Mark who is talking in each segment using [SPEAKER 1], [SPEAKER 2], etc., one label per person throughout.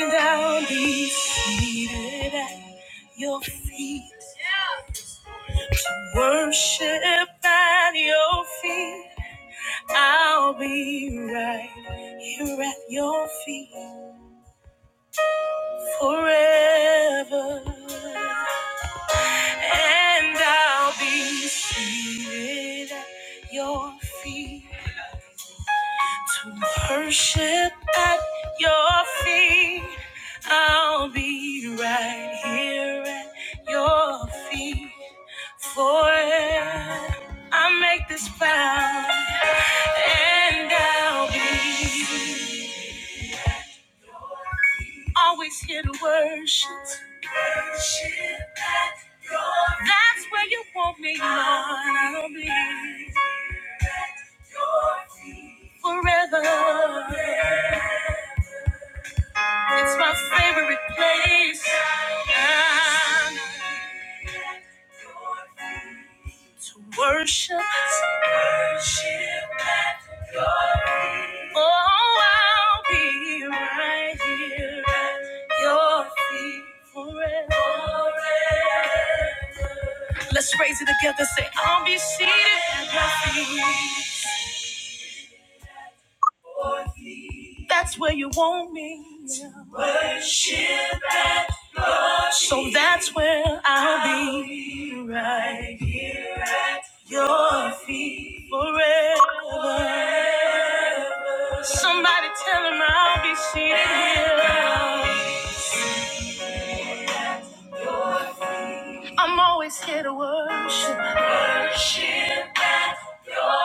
[SPEAKER 1] And I'll be seated at your feet. Worship at your feet. I'll be right here at your feet forever. And I'll be seated at your feet to worship at your feet. I'll be right here at your feet. Forever I make this vow, and I'll be always here to worship. That's where you want me, Lord. I'll be forever. It's my favorite place. to worship, to worship at your feet. Oh, I'll be right here at your feet forever. Let's raise it together. Say, I'll be seated. That's where you want me. So that's where I'll be forever. Somebody tell him I'll be seated here. I'm always here to worship. Forever.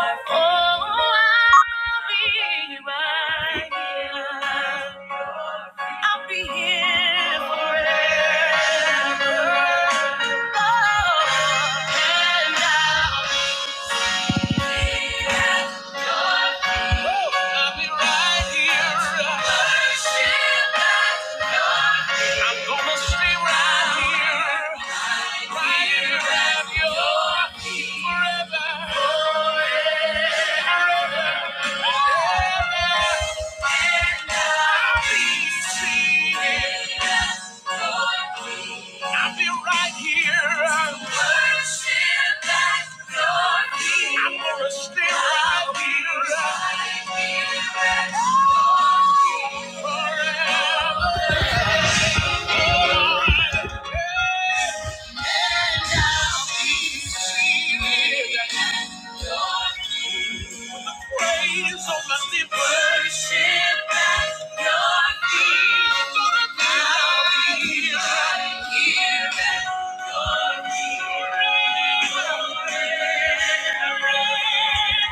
[SPEAKER 1] I'll be right here. Worship at your feet. I'm gonna stay right here. Right here at your feet. Forever. And I'll be seated at your feet. So let me worship at your feet. So let me right here at your feet.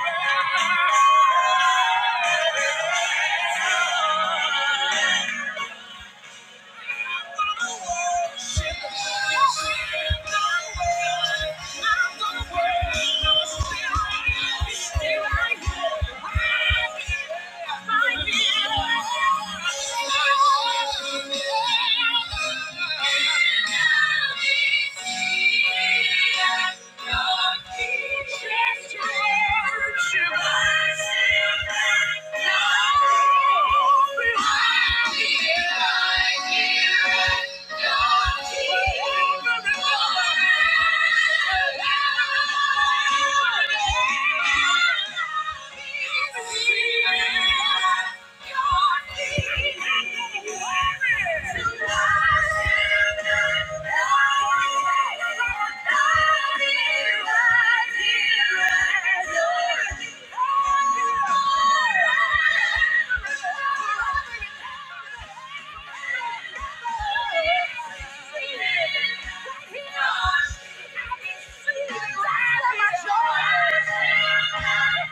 [SPEAKER 1] Yeah. Yeah.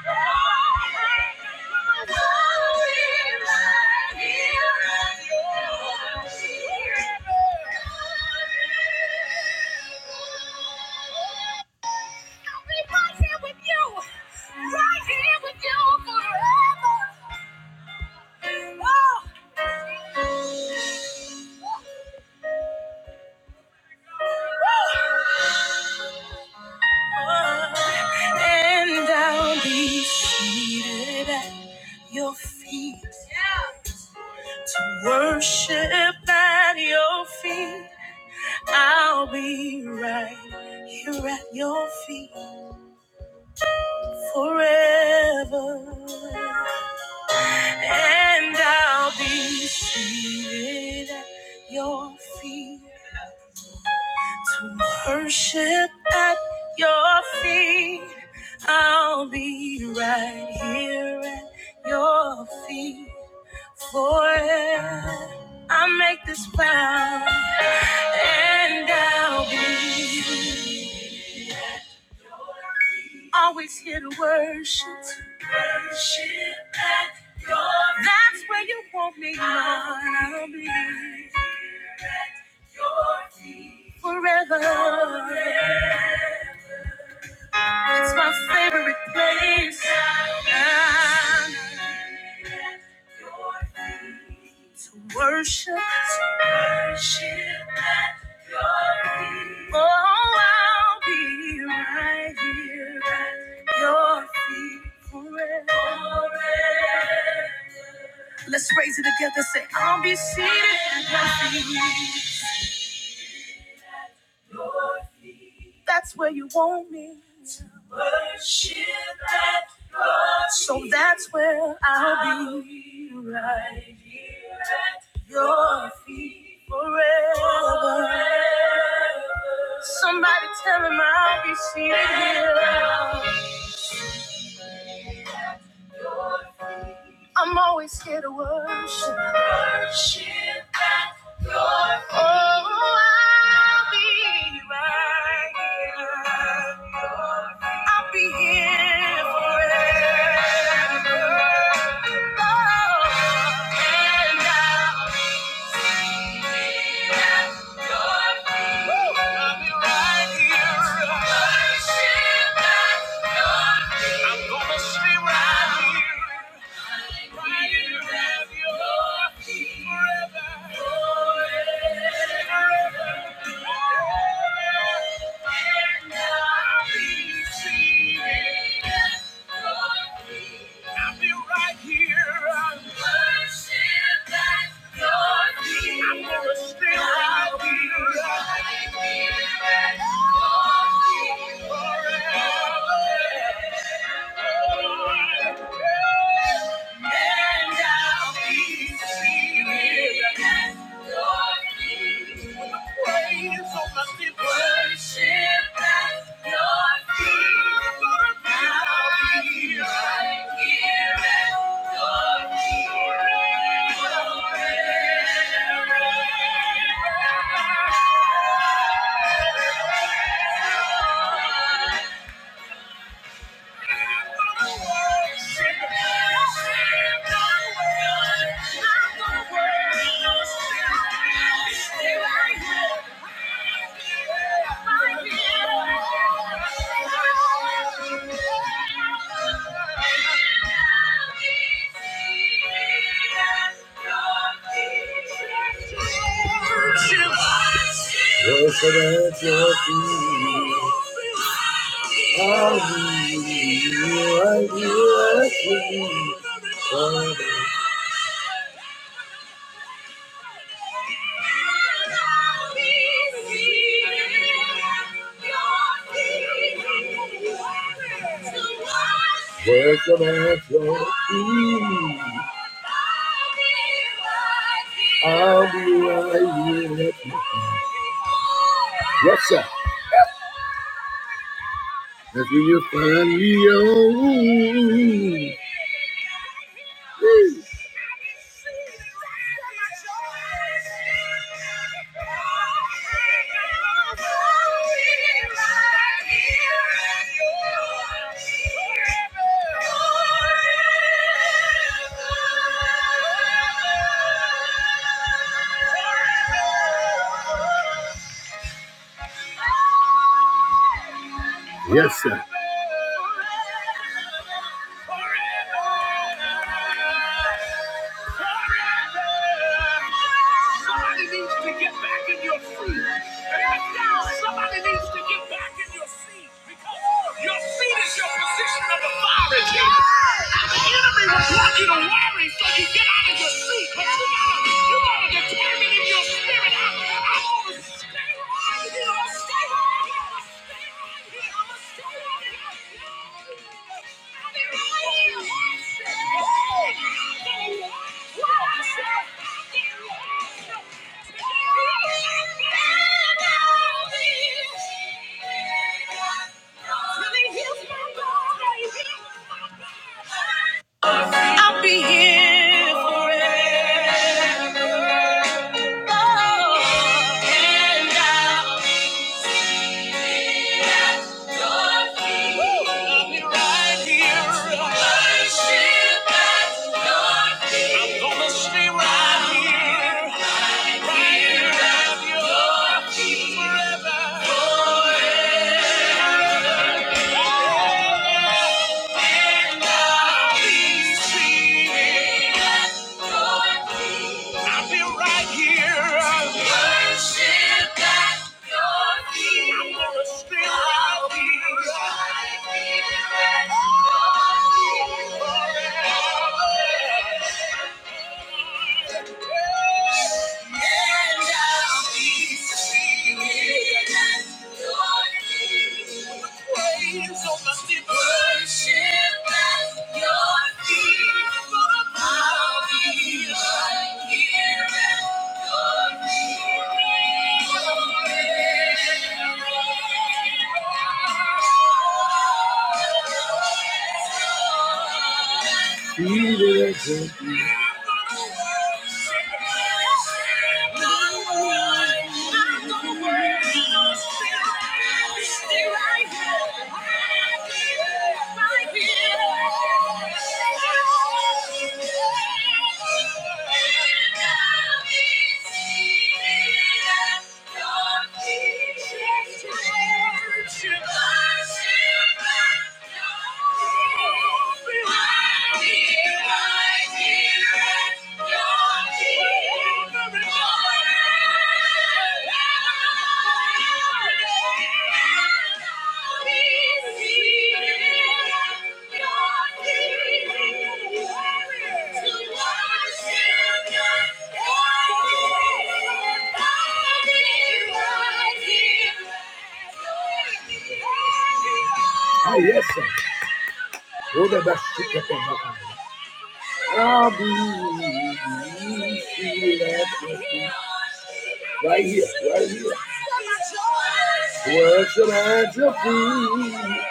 [SPEAKER 1] Yeah. Right here with you, right here with you forever. Oh! and I'll be seated at your feet to worship at your feet. I'll be right here at your feet forever, and I'll be seated at your feet. To Worship at your feet. I'll be right here at your feet forever. I make this vow and I'll be always here to worship. Worship at your feet. That's where you want me, Lord. I'll be here at your feet forever. It's my favorite place. Ah. To worship. To worship at your feet. Oh, I'll be right here at your feet forever. Let's raise it together. Say, I'll be seated. at your feet. That's where you want me. To worship at your feet. So that's where I'll be. I'll be here at forever. Somebody tell him I'll be seated. here. I'm always here to worship. Worship at your feet. Oh, I'll be right here. I'll be here forever. Oh, and I'll be seated at your feet. Woo! I'll be right here. Worship at your feet. I'm gonna stay right here forever, forever, Thank you. I'll be right here. I'll worship at your feet. I'm gonna stay right here. I'll be right here at your feet forever. Oh, I will. and Forever. Yeah. Worship. Worship at your feet. I'll be right here at your feet, Father. Worship at your feet. I'll be right here. Yes, sir. That's where you find me. Oh, Woo. Yes, sir. I'll be here for I'll be right here. Worship. I'm gonna stay right here forever. And I'll be singing at your feet. I'll be right here. Worship at your feet. I'm gonna stay right here. right at your feet forever. He lives in worship you. Oh, yes, sir. Right here, right here. Worship at your feet.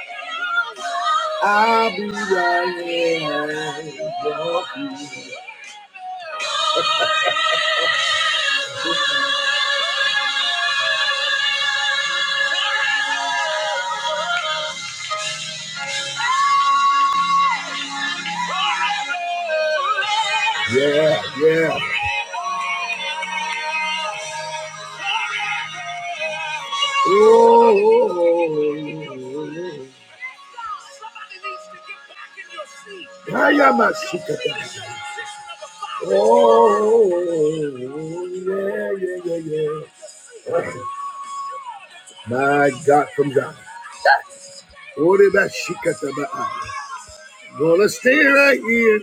[SPEAKER 1] I'll be right here at your feet. Yeah, yeah. Oh, Oh, yeah, yeah, yeah, yeah. My God from God. What about Shikata Well, let's stay right here.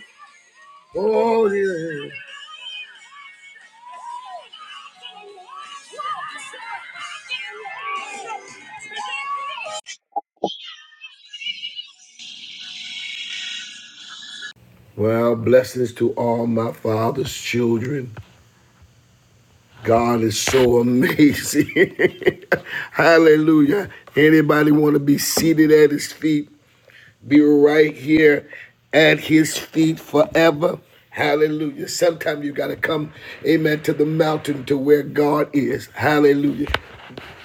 [SPEAKER 1] Oh, yeah. Well, blessings to all my father's children. God is so amazing. Hallelujah. Anybody want to be seated at his feet? Be right here at his feet forever. Hallelujah. Sometimes you got to come, amen, to the mountain to where God is. Hallelujah.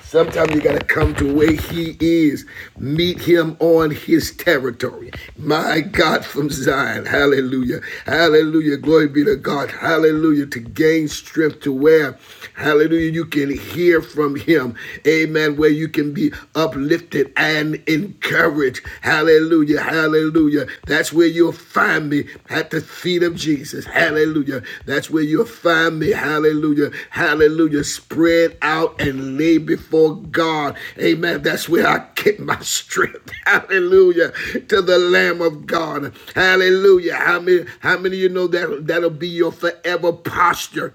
[SPEAKER 1] Sometimes you got to come to where he is, meet him on his territory. My God from Zion. Hallelujah. Hallelujah. Glory be to God. Hallelujah. To gain strength to where, hallelujah, you can hear from him. Amen. Where you can be uplifted and encouraged. Hallelujah. Hallelujah. Hallelujah. That's where you'll find me at the feet of Jesus. Hallelujah. That's where you'll find me. Hallelujah. Hallelujah. Spread out and lay before God. Amen. That's where I get my strength. Hallelujah. To the Lamb of God. Hallelujah. How many, how many of you know that that'll be your forever posture?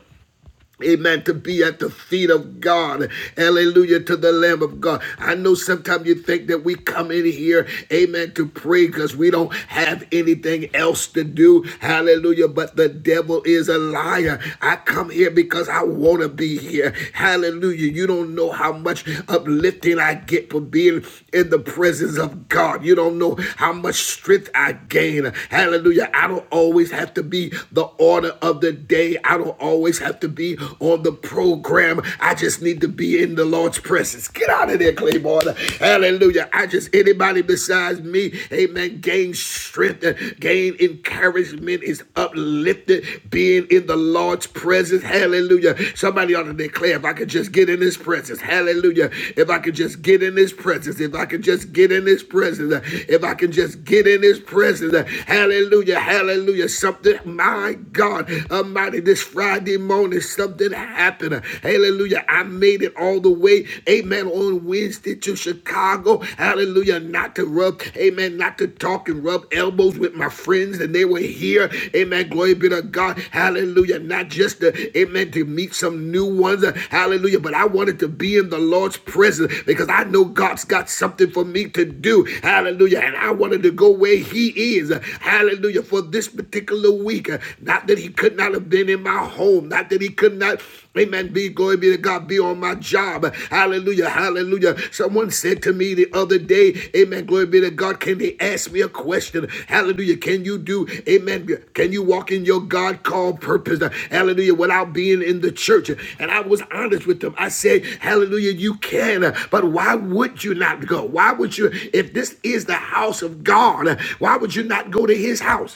[SPEAKER 1] Amen. To be at the feet of God. Hallelujah. To the Lamb of God. I know sometimes you think that we come in here, amen, to pray because we don't have anything else to do. Hallelujah. But the devil is a liar. I come here because I want to be here. Hallelujah. You don't know how much uplifting I get for being in the presence of God. You don't know how much strength I gain. Hallelujah. I don't always have to be the order of the day. I don't don't always have to be on the program. I just need to be in the Lord's presence. Get out of there, Claiborne. Hallelujah. I just, anybody besides me, amen, gain strength, uh, gain encouragement is uplifted, being in the Lord's presence. Hallelujah. Somebody ought to declare, if I could just get in his presence. Hallelujah. If I could just get in his presence. If I could just get in his presence. uh, If I could just get in his presence. uh, Hallelujah. Hallelujah. Something, my God. Almighty, this Friday morning, something happened. Hallelujah. I made it all the way, amen, on Wednesday to Chicago. Hallelujah. Not to rub, amen, not to talk and rub elbows with my friends, and they were here. Amen. Glory be to God. Hallelujah. Not just to, amen, to meet some new ones. Hallelujah. But I wanted to be in the Lord's presence because I know God's got something for me to do. Hallelujah. And I wanted to go where He is. Hallelujah. For this particular week. Not that he could not have been in my home. Not that he could not, amen, be, glory be to God, be on my job. Hallelujah, hallelujah. Someone said to me the other day, amen, glory be to God, can they ask me a question? Hallelujah, can you do, amen, can you walk in your God called purpose? Hallelujah, without being in the church. And I was honest with them. I said, hallelujah, you can, but why would you not go? Why would you, if this is the house of God, why would you not go to his house?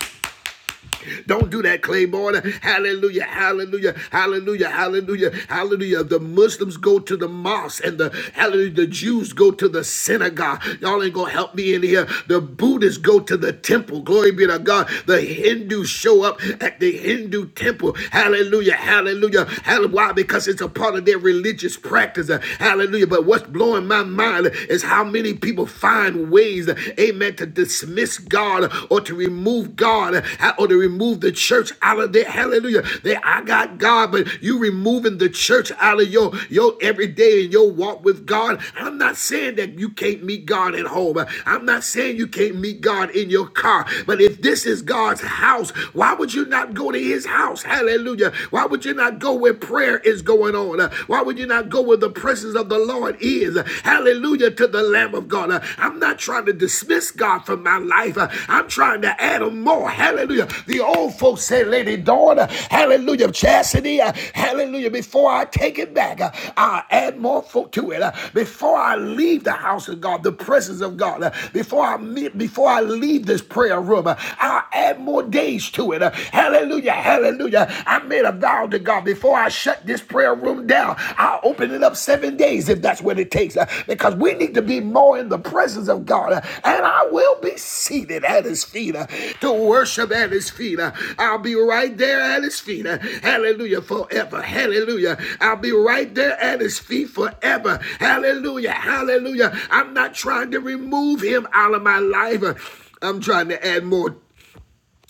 [SPEAKER 1] Don't do that, Claiborne. Hallelujah, hallelujah, hallelujah, hallelujah, hallelujah. The Muslims go to the mosque and the hallelujah, the Jews go to the synagogue. Y'all ain't gonna help me in here. The Buddhists go to the temple. Glory be to God. The Hindus show up at the Hindu temple. Hallelujah, hallelujah. hallelujah. Why? Because it's a part of their religious practice. Hallelujah. But what's blowing my mind is how many people find ways amen, to dismiss God or to remove God uh, or to remove the church out of there. Hallelujah. They, I got God, but you removing the church out of your, your everyday and your walk with God. I'm not saying that you can't meet God at home. I'm not saying you can't meet God in your car. But if this is God's house, why would you not go to his house? Hallelujah. Why would you not go where prayer is going on? Why would you not go where the presence of the of the Lord is. Hallelujah to the Lamb of God. Uh, I'm not trying to dismiss God from my life. Uh, I'm trying to add him more. Hallelujah. The old folks say, Lady Dawn, uh, hallelujah, chastity, uh, hallelujah. Before I take it back, uh, I'll add more folk to it. Uh, Before I leave the house of God, the presence of God, uh, before I meet, before I leave this prayer room, uh, I'll add more days to it. Uh, Hallelujah, hallelujah. I made a vow of thou to God. Before I shut this prayer room down, I'll open it up seven days if that's what it takes. uh, Because we need to be more in the presence of God. uh, And I will be seated at his feet uh, to worship at his feet. uh, I'll be right there at his feet. uh, Hallelujah. Forever. Hallelujah. I'll be right there at his feet forever. Hallelujah. Hallelujah. I'm not trying to remove him out of my life. uh, I'm trying to add more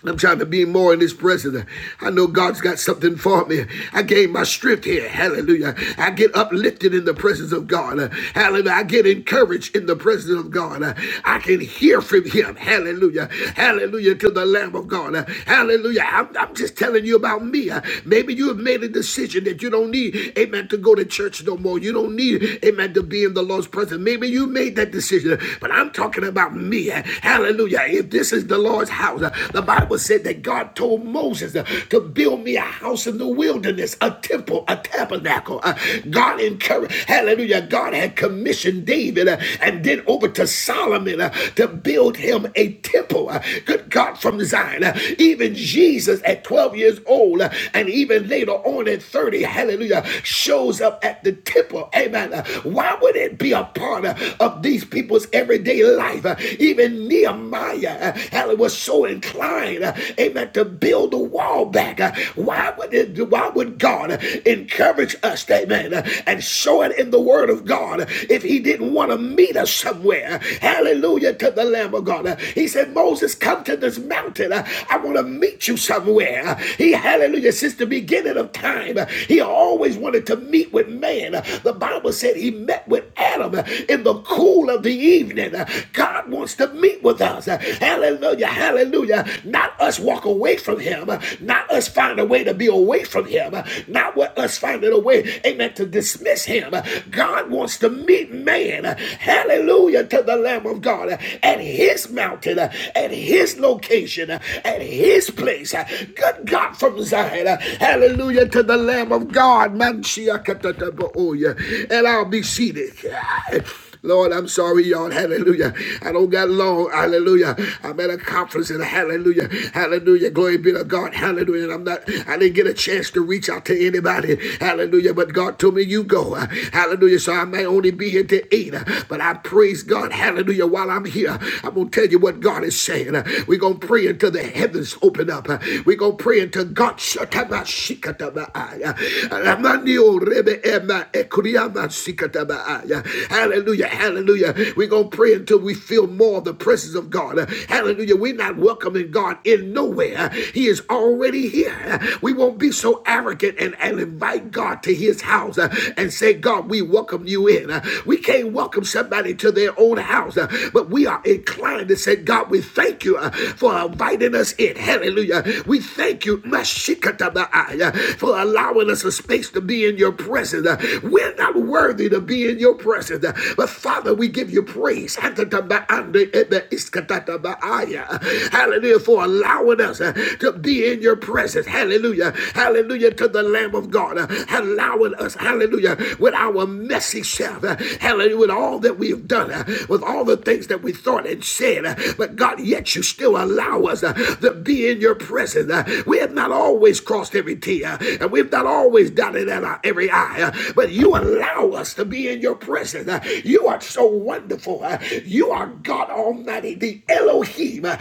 [SPEAKER 1] I'm trying to be more in His presence. I know God's got something for me. I gain my strength here. Hallelujah. I get uplifted in the presence of God. Uh, Hallelujah. I get encouraged in the presence of God. Uh, I can hear from Him. Hallelujah. Hallelujah to the Lamb of God. Uh, Hallelujah. I'm, I'm just telling you about me. Uh, Maybe you have made a decision that you don't need, amen, to go to church no more. You don't need, amen, to be in the Lord's presence. Maybe you made that decision, but I'm talking about me. Uh, Hallelujah. If this is the Lord's house, house. Uh, The Bible said that God told Moses uh, to build me a house in the wilderness, a temple, a tabernacle. Uh, God encouraged, hallelujah, God had commissioned David uh, and then over to Solomon uh, to build him a temple. Uh, Good God from Zion. Uh, Even Jesus at 12 years old uh, and even later on at 30, hallelujah, shows up at the temple. Amen. Uh, Why would it be a part uh, of these people's everyday life? Uh, Even Nehemiah, Hallelujah! was so inclined, uh, amen, to build the wall back. Uh, Why would it, why would God encourage us, amen, uh, and show it in the word of God if he didn't want to meet us somewhere? Hallelujah to the Lamb of God. Uh, He said, Moses, come to this mountain. Uh, I want to meet you somewhere. Uh, He, hallelujah, since the beginning of time, uh, he always wanted to meet with man. Uh, The Bible said he met with Adam uh, in the cool of the evening. Uh, God wants to meet speak with us. Hallelujah. Hallelujah. Not us walk away from him. Not us find a way to be away from him. Not what us finding a way, amen, to dismiss him. God wants to meet man. Hallelujah to the Lamb of God at his mountain, at his location, at his place. Good God from Zion. Hallelujah to the Lamb of God. oh, yeah. And I'll be seated. Lord, I'm sorry, y'all. Hallelujah. I don't got long. Hallelujah. I'm at a conference and hallelujah. Hallelujah. Glory be to God. Hallelujah. And I'm not, I didn't get a chance to reach out to anybody. Hallelujah. But God told me you go. Hallelujah. So I may only be here to eight. But I praise God. Hallelujah. While I'm here, I'm gonna tell you what God is saying. We're gonna pray until the heavens open up. We're gonna pray until God shut up my shikata Hallelujah. Hallelujah. We're going to pray until we feel more of the presence of God. Hallelujah. We're not welcoming God in nowhere. He is already here. We won't be so arrogant and, and invite God to his house uh, and say, God, we welcome you in. Uh, We can't welcome somebody to their own house, uh, but we are inclined to say, God, we thank you uh, for inviting us in. Hallelujah. We thank you, Mashikataba'ai, uh, for allowing us a space to be in your presence. Uh, We're not worthy to be in your presence. But Father, we give you praise. Hallelujah for allowing us uh, to be in your presence. Hallelujah. Hallelujah to the Lamb of God. uh, Allowing us, hallelujah, with our messy self. uh, Hallelujah, with all that we have done, uh, with all the things that we thought and said. uh, But God, yet you still allow us uh, to be in your presence. uh, We have not always crossed every T, uh, and we've not always dotted at every I, uh, but you allow allow us to be in your presence. Uh, You are so wonderful. Uh, You are God Almighty, the Elohim. Uh,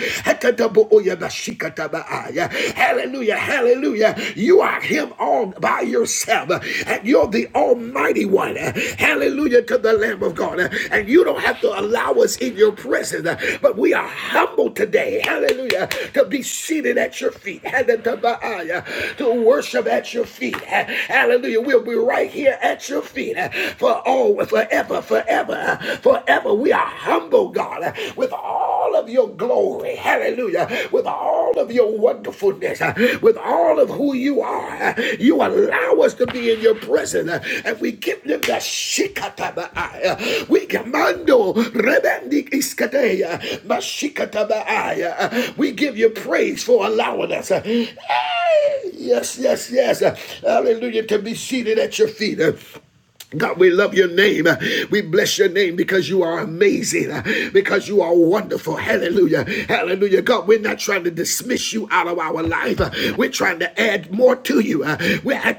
[SPEAKER 1] Uh, Hallelujah, hallelujah. You are Him all by yourself, Uh, and you're the Almighty One. Uh, Hallelujah to the Lamb of God. Uh, And you don't have to allow us in your presence, Uh, but we are humble today. Hallelujah. To be seated at your feet. Hekatabaai. Uh, To worship at your feet. Uh, Hallelujah. We'll be right here at your feet feet uh, for all forever, forever, uh, forever. We are humble, God, uh, with all of your glory. Hallelujah. With all of your wonderfulness, uh, with all of who you are. uh, You allow us to be in your presence. uh, And we give them the shikatabai. We commando rebendik iskateya mashikatabai. We give you praise for allowing us. uh, Hey, Yes, yes, yes. uh, Hallelujah. To be seated at your feet. uh, God, we love your name. We bless your name because you are amazing, because you are wonderful. Hallelujah. Hallelujah. God, we're not trying to dismiss you out of our life. We're trying to add more to you. I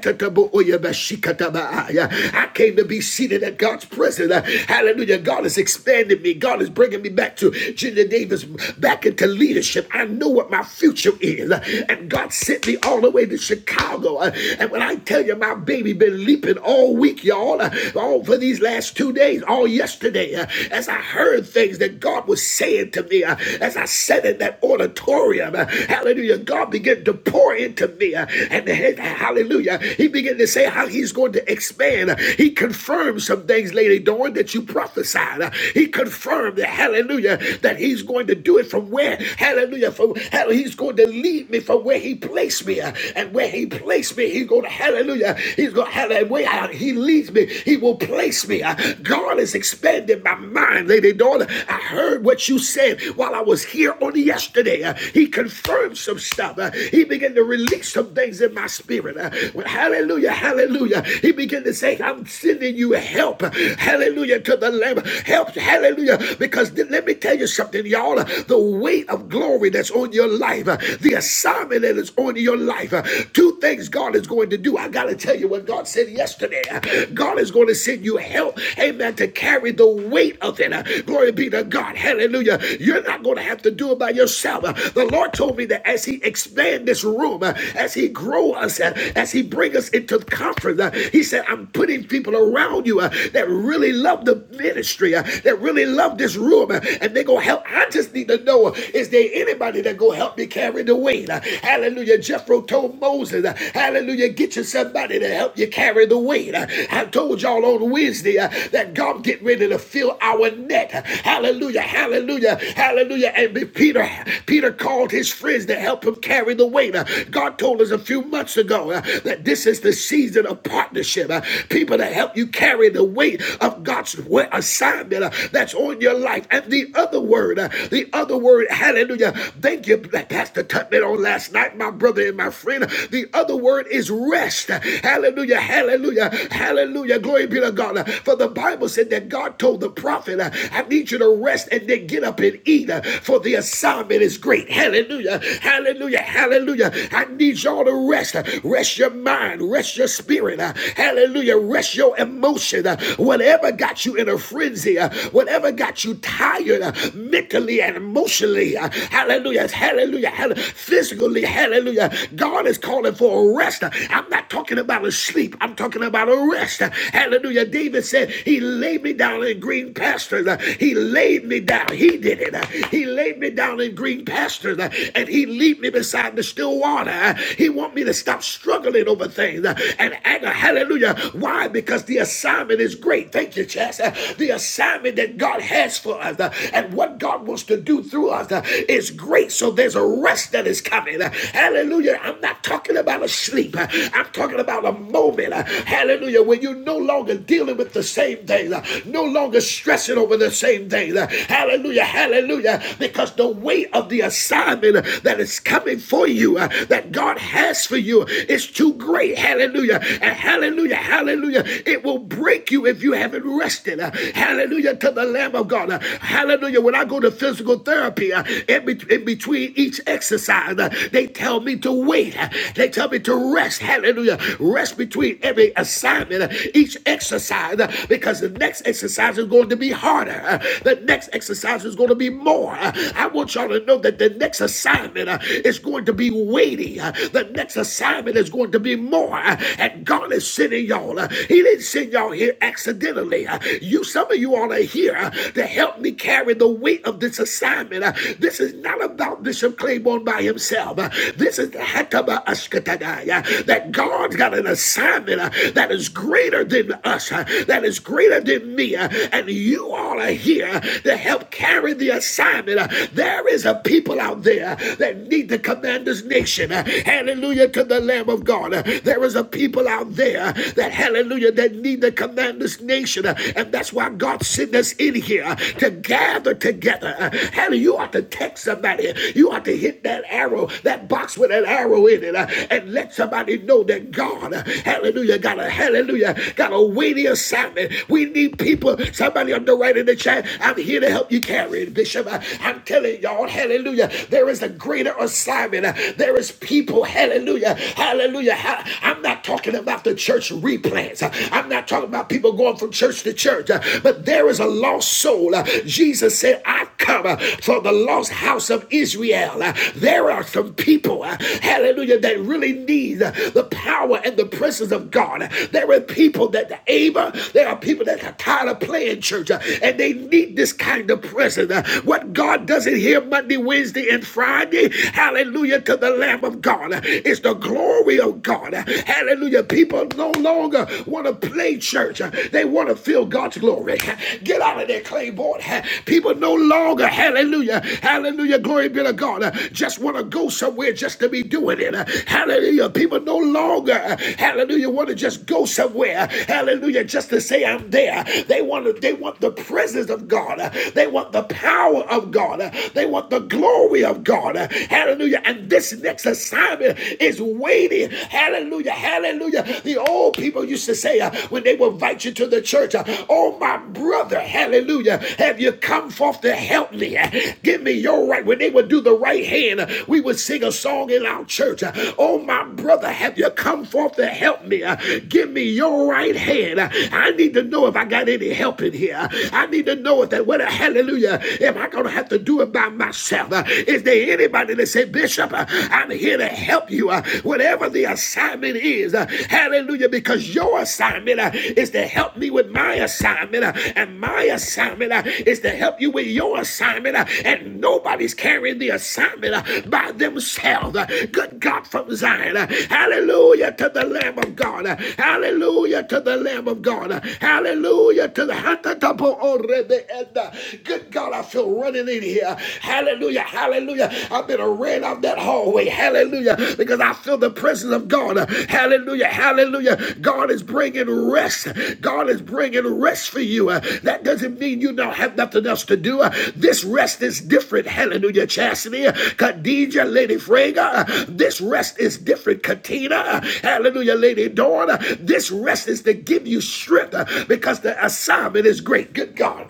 [SPEAKER 1] came to be seated at God's presence. Hallelujah. God has expanded me. God is bringing me back to Junior Davis, back into leadership. I know what my future is. And God sent me all the way to Chicago. And when I tell you, my baby baby been leaping all week, y'all, uh, all for these last two days, all yesterday, uh, as I heard things that God was saying to me, uh, as I sat in that auditorium, uh, hallelujah, God began to pour into me, uh, and hey, hallelujah, he began to say how he's going to expand. He confirmed some things, Lady Dawn, that you prophesied. Uh, He confirmed that, hallelujah, that he's going to do it from where, hallelujah, from hell, he's going to lead me from where he placed me, uh, and where he placed me me. He's going to, hallelujah. He's going to, hallelujah. Way out. He leads me. He will place me. Uh, God is expanding my mind, lady daughter. I heard what you said while I was here on yesterday. Uh, he confirmed some stuff. Uh, he began to release some things in my spirit. Uh, well, hallelujah. Hallelujah. He began to say, I'm sending you help. Uh, Hallelujah. To the Lamb. Help. Hallelujah. Because th- let me tell you something, y'all. Uh, The weight of glory that's on your life, uh, the assignment that is on your into your life, uh, two things God is going to do. I got to tell you what God said yesterday. Uh, God is going to send you help, amen, to carry the weight of it. Uh, Glory be to God. Hallelujah. You're not going to have to do it by yourself. Uh, The Lord told me that as He expand this room, uh, as He grow us, uh, as He bring us into conference, uh, He said, I'm putting people around you uh, that really love the ministry, uh, that really love this room, uh, and they go help. I just need to know, uh, is there anybody that go help me carry? carried away. Uh, Hallelujah. Jethro told Moses, uh, Hallelujah, get you somebody to help you carry the weight. Uh, I told y'all on Wednesday uh, that God get ready to fill our net. Uh, Hallelujah. Hallelujah. Hallelujah. And Peter Peter called his friends to help him carry the weight. Uh, God told us a few months ago uh, that this is the season of partnership. Uh, People to help you carry the weight of God's wa- assignment uh, that's on your life. And the other word, uh, the other word, hallelujah. Hallelujah. Thank you, like Pastor Tubman, on last night, my brother and my friend. The other word is rest. Hallelujah. Hallelujah. Hallelujah. Glory be to God. For the Bible said that God told the prophet, I need you to rest and then get up and eat, for the assignment is great. Hallelujah. Hallelujah. Hallelujah. I need y'all to rest. Rest your mind. Rest your spirit. Hallelujah. Rest your emotion. Whatever got you in a frenzy, whatever got you tired, mentally and emotionally. Hallelujah, Hallelujah. Hallelujah. Physically. Hallelujah. God is calling for a rest. Uh, I'm not talking about a sleep. I'm talking about a rest. Uh, Hallelujah. David said, He laid me down in green pastures. Uh, He laid me down. He did it. Uh, He laid me down in green pastures uh, and He lead me beside the still water. Uh, He want me to stop struggling over things uh, and anger. Hallelujah. Why? Because the assignment is great. Thank you, Chess. Uh, The assignment that God God has for us uh, and what God wants to do through us uh, is great. So there's a rest that is coming. Uh, Hallelujah. I'm not talking about a sleep. Uh, I'm talking about a moment. Uh, Hallelujah. When you're no longer dealing with the same thing, uh, no longer stressing over the same thing. Uh, Hallelujah. Hallelujah. Because the weight of the assignment uh, that is coming for you, uh, that God has for you, is too great. Hallelujah. And hallelujah. Hallelujah. It will break you if you haven't rested question. uh, Hallelujah to the Lamb of God. Uh, Hallelujah. When I go to physical therapy, uh, in, bet- in between each exercise, uh, they tell me to wait. Uh, They tell me to rest. Hallelujah. Rest between every assignment, uh, each exercise, uh, because the next exercise is going to be harder. Uh, The next exercise is going to be more. Uh, I want y'all to know that the next assignment uh, is going to be weighty. Uh, The next assignment is going to be more. Uh, And God is sending y'all. uh, He didn't send send y'all here accidentally. Uh, You, some of you all are here uh, to help me carry the weight of this assignment. Uh, This is not about Bishop Claiborne by himself. Uh, This is the Hataba Ashkatadai, uh, that God's got an assignment uh, that is greater than us, uh, that is greater than me, uh, and you all are here uh, to help carry the assignment. Uh, There is a people out there uh, that need to command this nation. Uh, Hallelujah to the Lamb of God. Uh, There is a people out there there that hallelujah that need to command this nation. Uh, And that's why God sent us in here uh, to gather together. Uh, Hallelujah. You ought to text somebody. You ought to hit that arrow, that box with an arrow in it, uh, and let somebody know that God, uh, hallelujah, got a hallelujah, got a weighty assignment. We need people. Somebody on the right in the chat. I'm here to help you carry it, Bishop. Uh, I'm telling y'all, hallelujah. There is a greater assignment. Uh, There is people, hallelujah, hallelujah. Hallelujah. I'm not talking about the church replants. I'm not talking about people going from church to church. But there is a lost soul. Jesus said, I've come for the lost house of Israel. There are some people, hallelujah, that really need the power and the presence of God. There are people that are able, there are people that are tired of playing church and they need this kind of presence. What God doesn't hear Monday, Wednesday, and Friday, hallelujah, to the Lamb of God. God. It's the glory of God. Hallelujah. People no longer want to play church, they want to feel God's glory. Get out of there, Claiborne. People no longer, hallelujah, hallelujah, glory be to God, just want to go somewhere just to be doing it. Hallelujah. People no longer, hallelujah, want to just go somewhere, hallelujah, just to say I'm there. They want to, they want the presence of God. They want the power of God. They want the glory of God. Hallelujah. Hallelujah. And this next assignment is waiting. Hallelujah. Hallelujah. The old people used to say uh, when they would invite you to the church, uh, Oh, my brother, hallelujah, have you come forth to help me? Uh, Give me your right. When they would do the right hand, uh, we would sing a song in our church. uh, Oh, my brother, have you come forth to help me? Uh, Give me your right hand. Uh, I need to know if I got any help in here. I need to know if that whether hallelujah, am I gonna have to do it by myself? yourself. Uh, Is there anybody that say, Bishop, uh, I'm here to help you, uh, whatever the assignment is? uh, Hallelujah, because your assignment uh, is to help me with my assignment, uh, and my assignment uh, is to help you with your assignment, uh, and nobody's carrying the assignment uh, by themselves. Uh, Good God from Zion. Uh, Hallelujah to the Lamb of God. Uh, Hallelujah to the Lamb of God. Uh, Hallelujah to the Hatatapo Orebe Edda. Good God, I feel running in here. Hallelujah. Hallelujah. I've been ran out that hallway. Hallelujah. Because I feel the presence of God. Hallelujah. Hallelujah. God is bringing rest. God is bringing rest for you. Uh, That doesn't mean you don't have nothing else to do. Uh, This rest is different. Hallelujah. Chastity. uh, Khadija, Lady Frega. uh, This rest is different. Katina. uh, Hallelujah. Lady Dawn. uh, This rest is to give you strength uh, because the assignment is great. Good God.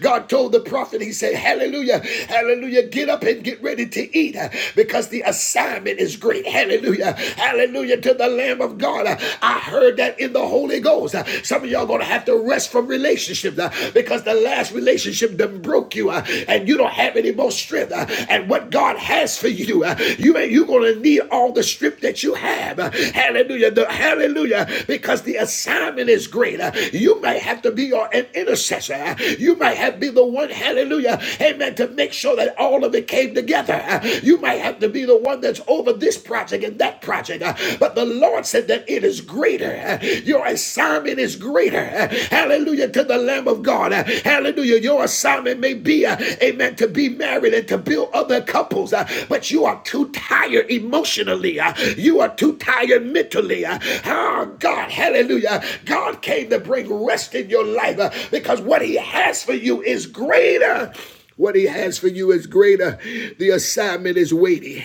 [SPEAKER 1] God told the prophet, He said, Hallelujah, hallelujah, get up and get ready to eat uh, because the assignment is great. Hallelujah, hallelujah to the Lamb of God. Uh, I heard that in the Holy Ghost. Uh, Some of y'all are going to have to rest from relationships uh, because the last relationship done broke you uh, and you don't have any more strength. uh, And what God has for you, uh, you, you're going to need all the strength that you have. Uh, Hallelujah, the, hallelujah, because the assignment is great great. Uh, You may have to be your, an intercessor. Uh, You might have to be the one, hallelujah, amen, to make sure that all of it came together. Uh, You might have to be the one that's over this project and that project. Uh, But the Lord said that it is greater. Uh, Your assignment is greater. Uh, Hallelujah to the Lamb of God. Uh, Hallelujah. Your assignment may be, uh, amen, to be married and to build other couples, uh, but you are too tired emotionally. uh, You are too tired mentally mentally. Oh, God, hallelujah. God came to bring rest in your life uh, because what He has for you is greater. What he has for you is greater. The assignment is weighty.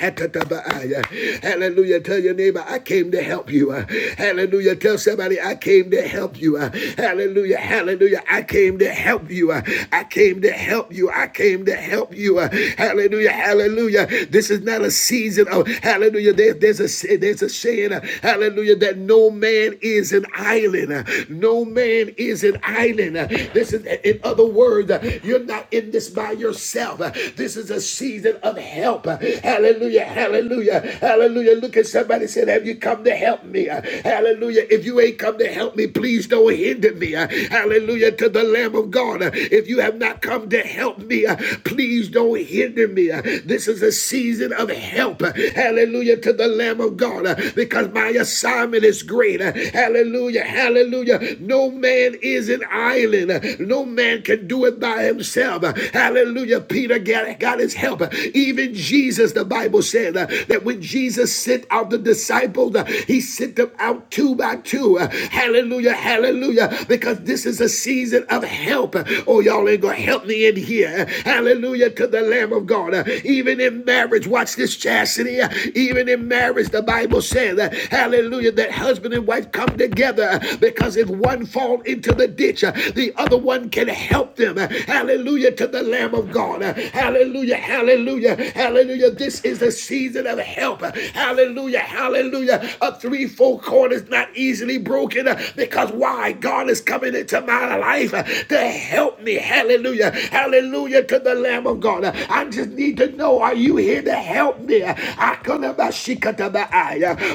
[SPEAKER 1] Hallelujah. Tell your neighbor, I came to help you. Uh, Hallelujah. Tell somebody, I came to help you. Uh, Hallelujah. Hallelujah. I came to help you. Uh, I came to help you. I came to help you. Uh, Hallelujah. Hallelujah. This is not a season reason of hallelujah. There, there's a there's a saying, uh, hallelujah, that no man is an island. uh, No man is an island. uh, This is in other words, uh, you're not in this by yourself. uh, This is a season of help. uh, Hallelujah. Hallelujah. Hallelujah. Look at somebody and said, Have you come to help me? Uh, Hallelujah. If you ain't come to help me, please don't hinder me. Uh, Hallelujah to the Lamb of God. Uh, If you have not come to help me, uh, please don't don't hinder me. Uh, This is a season of help. Uh, Hallelujah to the Lamb of God uh, because my assignment is great. Uh, Hallelujah. Hallelujah. No man is an island. Uh, No man can do it by himself. Uh, Hallelujah. Peter got, got his help. Uh, Even Jesus, the Bible said uh, that when Jesus sent out the disciples, uh, he sent them out two by two. Uh, Hallelujah. Hallelujah. Because this is a season of help. Oh, y'all ain't gonna help me in here. Hallelujah to the Lamb of God. Uh, Even in marriage, watch this chastity. Uh, Even in marriage, the Bible says, uh, Hallelujah, that husband and wife come together uh, because if one fall into the ditch, uh, the other one can help them. Uh, Hallelujah to the Lamb of God. Uh, Hallelujah, hallelujah, hallelujah. This is the season of help. Uh, Hallelujah, hallelujah. A three-fold cord is not easily broken uh, because why? why God is coming into my life uh, to help me. Hallelujah. Hallelujah to the Lamb of God. Uh, I just need to know are you here to help me? Uh,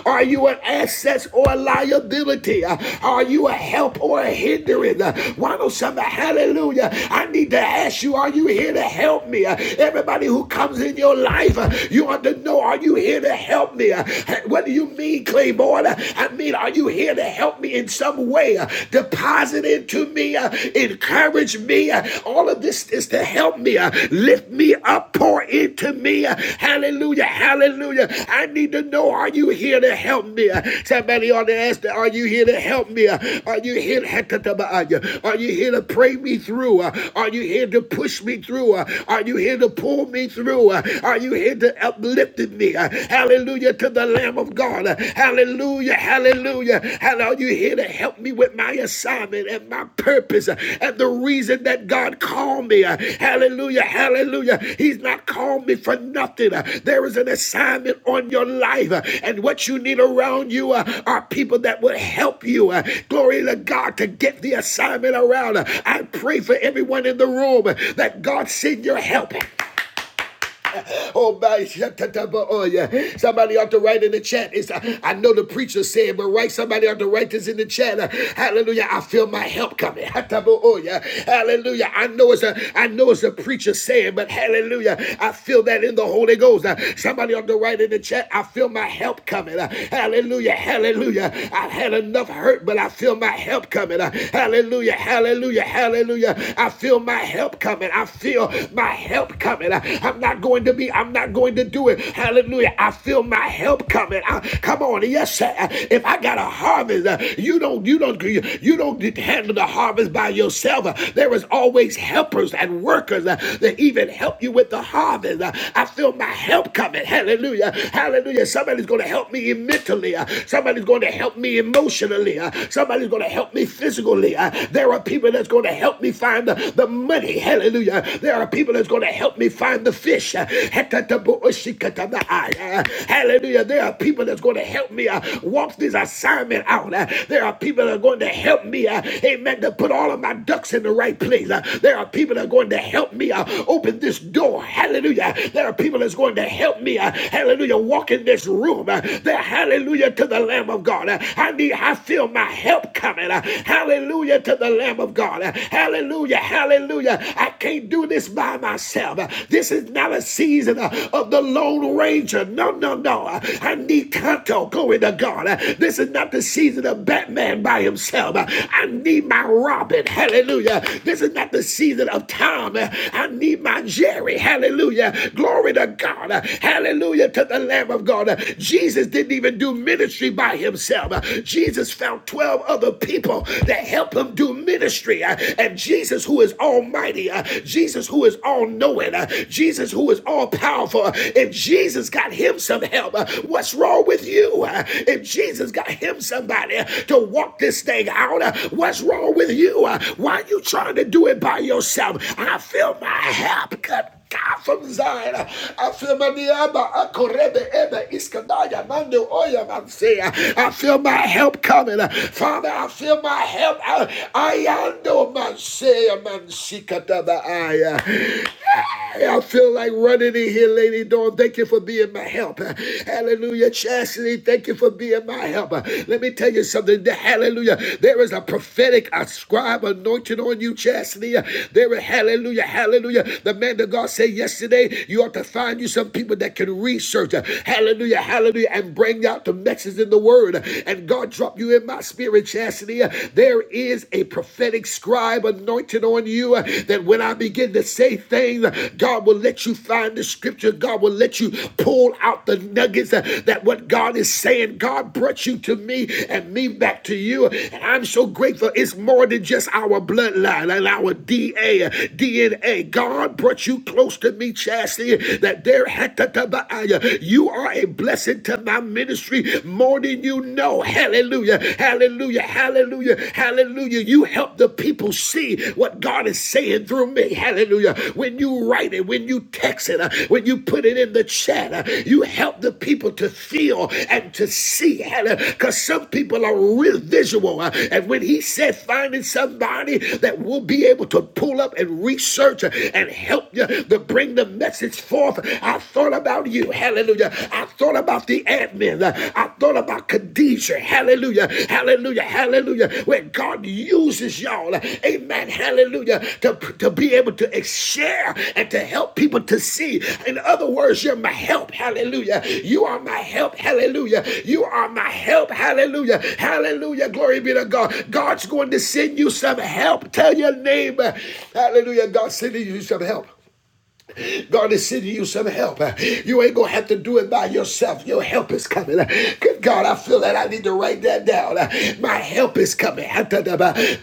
[SPEAKER 1] Are you an asset or a liability? Uh, Are you a help or a hindrance? Uh, Why don't somebody, hallelujah, I need to ask you, are you here to help me? Uh, Everybody who comes in your life, uh, you ought to know, are you here to help me? Uh, What do you mean, Claymore? Lord. I mean, are you here to help me in some way? Deposit into me, uh, encourage me. Uh, All of this is to help me, uh, lift me up, pour into me. Uh, Hallelujah, hallelujah. I need to know, are you here to help me? Uh, Somebody ought to ask, are you here to help me? Uh, Are you here to, are you here to pray me through? Uh, Are you here to push me through? Uh, Are you here to pull me through? Uh, Are you here to uplift me? thee. Uh, Hallelujah to the Lamb of God. Uh, Hallelujah. Hallelujah. Hallelujah. You here to help me with my assignment and my purpose uh, and the reason that God called me. Uh, Hallelujah. Hallelujah. He's not called me for nothing. Uh, There is an assignment on your life, uh, and what you need around you uh, are people that will help you. uh, Glory to God to get the assignment around. Uh, I pray for everyone in the room uh, that God send your help. Oh, oh, yeah. Somebody ought to write in the chat. It's, uh, I know the preacher said, but right, somebody ought to write this in the chat. Uh, hallelujah. I feel my help coming. Hataba, oh, yeah. Hallelujah. I know it's a I know it's a preacher saying, but hallelujah. I feel that in the Holy Ghost. Uh, somebody ought to write in the chat. I feel my help coming. Uh, hallelujah. Hallelujah. I've had enough hurt, but I feel my help coming. Uh, hallelujah. Hallelujah. Hallelujah. I feel my help coming. I feel my help help coming. I- am not going to be, I'm not going to do it. Hallelujah. I feel my help coming. I- come on. Yes, sir. If I got a harvest, uh, you don't, you don't, you, don't handle the harvest by yourself. Uh, there is always helpers and workers uh, that even help you with the harvest. Uh, I feel my help coming. Hallelujah. Hallelujah. Somebody's going to help me mentally. Uh, somebody's going to help me emotionally. Uh, somebody's going to help me physically. Uh, there are people that's going to help me find the, the money money. Hallelujah. There are people that's going to help me find the fish. Hallelujah. There are people that's going to help me uh, walk this assignment out. Uh, There are people that are going to help me, uh, amen, to put all of my ducks in the right place. Uh, There are people that are going to help me uh, open this door. Hallelujah. There are people that's going to help me, uh, hallelujah, walk in this room. Uh, There, hallelujah, to the Lamb of God. Uh, I need, I feel my help coming. Uh, Hallelujah to the Lamb of God. God. Hallelujah. Hallelujah. I can't do this by myself. This is not a season uh, of the Lone Ranger. No, no, no. I need Kanto going to God. This is not the season of Batman by himself. I need my Robin. Hallelujah. This is not the season of Tom. I need my Jerry. Hallelujah. Glory to God. Hallelujah to the Lamb of God. Jesus didn't even do ministry by himself. Jesus found 12 other people people that help him do ministry. Uh, and Jesus, who is almighty, uh, Jesus, who is all knowing, uh, Jesus, who is all powerful, if Jesus got him some help, uh, what's wrong with you? Uh, if Jesus got him somebody uh, to walk this thing out, uh, what's wrong with you? Uh, why are you trying to do it by yourself? I feel my help. Good God from Zion. I feel my niyama, akorebe, eba. iskandaya, mando, oyam, I'm saying. I feel my help coming. Father, I feel my help. I, I know man say, man sikataba, I. uh, hey, I feel like running in here, Lady Dawn. Thank you for being my help. Hallelujah. Chastity, thank you for being my help. Let me tell you something. Hallelujah. There is a prophetic ascribe anointing on you, Chastity. There is hallelujah, hallelujah. The man that God said yesterday, you ought to find you some people that can research. uh, Hallelujah, hallelujah, and bring out the message in the word. And God dropped you in my spirit, Chastity. uh, There is a prophetic scribe anointed on you uh, that when I begin to say things, uh, God will let you find the scripture. God will let you pull out the nuggets uh, that what God is saying. God brought you to me and me back to you. And I'm so grateful. It's more than just our bloodline and our DA, DNA. God brought you you close to me, Chastity, that there you are a blessing to my ministry more than you know. Hallelujah. Hallelujah. Hallelujah. Hallelujah. You help the people see what God is saying through me. Hallelujah. When you write it, when you text it, uh, when you put it in the chat, uh, you help the people to feel and to see. Hallelujah. Because some people are real visual. uh, And when he said finding somebody that will be able to pull up and research uh, and help you yeah, to bring the message forth. I thought about you. Hallelujah. I thought about the admin. I thought about Khadijah. Hallelujah. Hallelujah. Hallelujah. When God uses y'all, amen. Hallelujah. To, to be able to share and to help people to see. In other words, you're my help. Hallelujah. You are my help. Hallelujah. You are my help. Hallelujah. Hallelujah. Glory be to God. God's going to send you some help. Tell your neighbor. Hallelujah. God's sending you some help. God is sending you some help. You ain't gonna have to do it by yourself. Your help is coming. Good God, I feel that I need to write that down. My help is coming.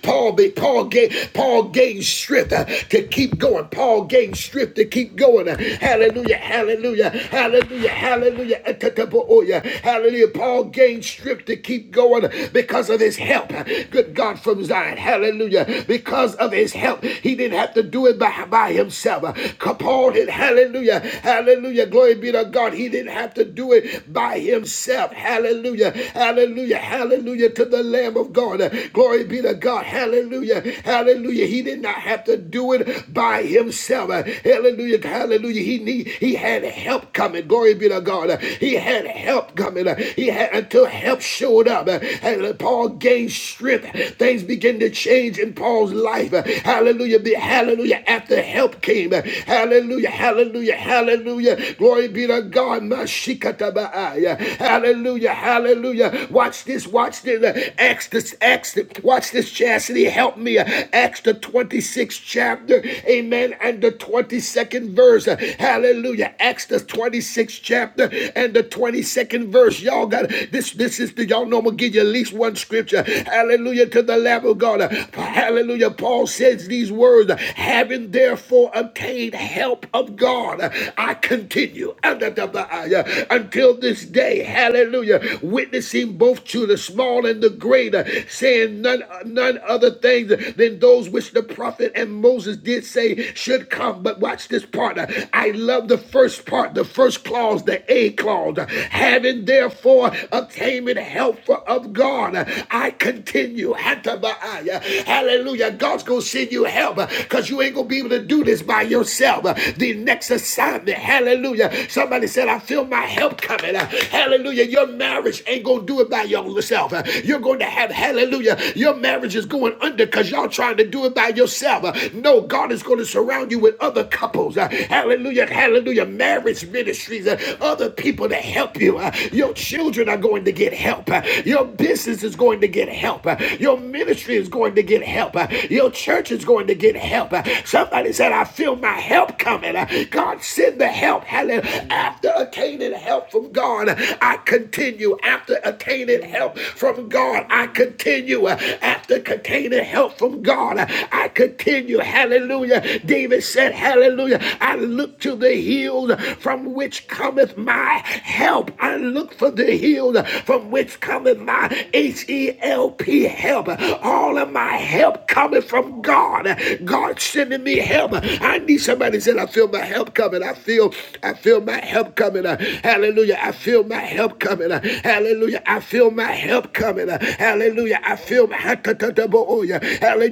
[SPEAKER 1] Paul, Paul gave Paul gained strength uh, to keep going. Paul gained strength to keep going. Uh, Hallelujah, hallelujah, hallelujah, hallelujah, atataboya. hallelujah. Paul gained strength to keep going because of his help. Good God from Zion, hallelujah. Because of his help, he didn't have to do it by, by by himself. Uh, Kapal did, hallelujah, hallelujah, glory be to God. He didn't have to do it by himself, hallelujah, hallelujah, hallelujah to the Lamb of God. Uh, Glory be to God, hallelujah, hallelujah. He did not have to do it by himself, Uh, hallelujah, hallelujah. He need, he had help coming, glory be to God. Uh, He had help coming, Uh, he had until help showed up, Uh, and Paul gained strength. Things began to change in Paul's life, Uh, hallelujah hallelujah, be hallelujah, after help came, hallelujah, hallelujah, hallelujah, glory be to God, hallelujah, hallelujah, watch this, watch this, Acts this, Acts this, watch this, chastity, help me, Acts the 26th chapter, amen, and the 22nd verse, hallelujah, Acts the 26th chapter and the 22nd verse, y'all got, this, this is the, y'all know I'm gonna give you at least one scripture, hallelujah, to the Lamb of God, hallelujah, Hallelujah. Paul says these words, having therefore obtained help of God, I continue uh, until this day. Hallelujah. Witnessing both to the small and the great, uh, saying none none other things than those which the prophet and Moses did say should come. But watch this part. Uh, I love the first part, the first clause, the A clause. Uh, Having therefore obtained help of God, uh, I continue. Hallelujah. God's going to send you help because you ain't going to be able to do this by yourself. uh, The next assignment. Hallelujah. Somebody said, I feel my help coming. uh, Hallelujah. Your marriage ain't going to do it by yourself. uh, You're going to have, hallelujah, your marriage is going under because y'all trying to do it by yourself. uh, No, God is going to surround you with other couples. uh, Hallelujah. Hallelujah. Marriage ministries, uh, other people to help you. uh, Your children are going to get help. uh, Your business business is going to get help. Uh, Your ministry is going to get help. Uh, Your church is going to get help. Uh, Somebody said, I feel my help coming. Uh, God, send the help. Hallelujah. After attaining help from God, uh, I continue. After attaining help from God, I continue. Uh, After attaining help from God, uh, I continue. Hallelujah. David said, Hallelujah. I look to the hills from which cometh my help. I look for the hills from from which cometh my H E L P help. All of my help coming from God. God sending me help. I need somebody said, I feel my help coming. I feel, I feel my help coming. Uh, Hallelujah. I feel my help coming. Uh, Hallelujah. I feel my help coming. Uh, Hallelujah. I feel my help. Hallelujah.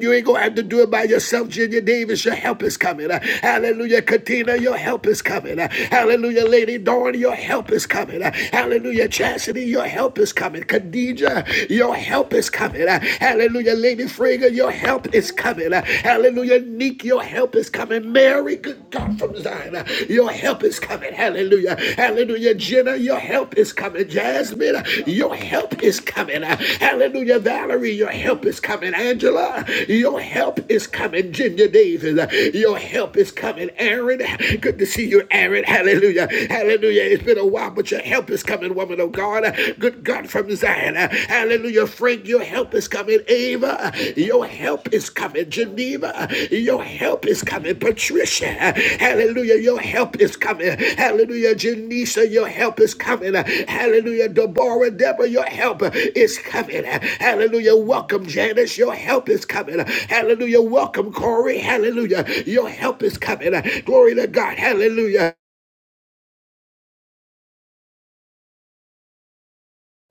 [SPEAKER 1] You ain't gonna have to do it by yourself, Junior Davis. Your help is coming. Uh, Hallelujah. Katina, your help is coming. Uh, Hallelujah, Lady Dawn, your help is coming. Uh, Hallelujah. Chastity, your help is coming. Khadija, your help is coming. Uh, Hallelujah. Lady Frigga, your help is coming. Uh, Hallelujah. Nick, your help is coming. Mary, good God from Zion, uh, your help is coming. Hallelujah. Hallelujah. Jenna, your help is coming. Jasmine, uh, your help is coming. Uh, Hallelujah. Valerie, your help is coming. Angela, your help is coming. Ginger Davis, uh, your help is coming. Aaron, good to see you, Aaron. Hallelujah. Hallelujah. Hallelujah. It's been a while, but your help is coming, woman of God. Good God from Zion. Hallelujah. Frank. your help is coming. Ava, your help is coming. Geneva, your help is coming. Patricia, hallelujah. Your help is coming. Hallelujah. Janisa, your help is coming. Hallelujah. Deborah, Deborah, your help is coming. Hallelujah. Welcome, Janice. Your help is coming. Hallelujah. Welcome, Corey. Hallelujah. Your help is coming. Glory to God. Hallelujah.